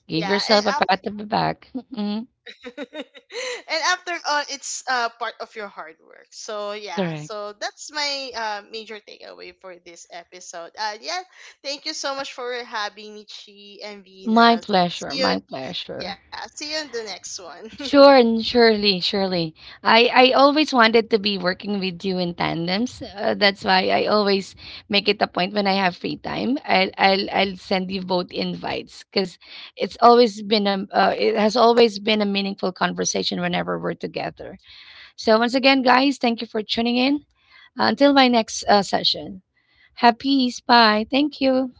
Speaker 1: Give
Speaker 2: yeah, and
Speaker 1: yourself a
Speaker 2: after
Speaker 1: pat at the back. Mm-mm.
Speaker 2: and after all, it's part of your hard work. So yeah,
Speaker 1: Correct.
Speaker 2: so that's my major takeaway for this episode. Yeah, thank you so much for having me, Chi and
Speaker 1: My
Speaker 2: Venus.
Speaker 1: pleasure.
Speaker 2: See you.
Speaker 1: My pleasure.
Speaker 2: Yeah, see you in the next one.
Speaker 1: Sure, and surely, surely. I always wanted to be working with you in tandems. That's why I always make it a point when I have free time. I'll send you both invites because it's always been a it has always been a meaningful conversation whenever we're together. So once again, guys, thank you for tuning in. Until my next session. Have peace. Bye. Thank you.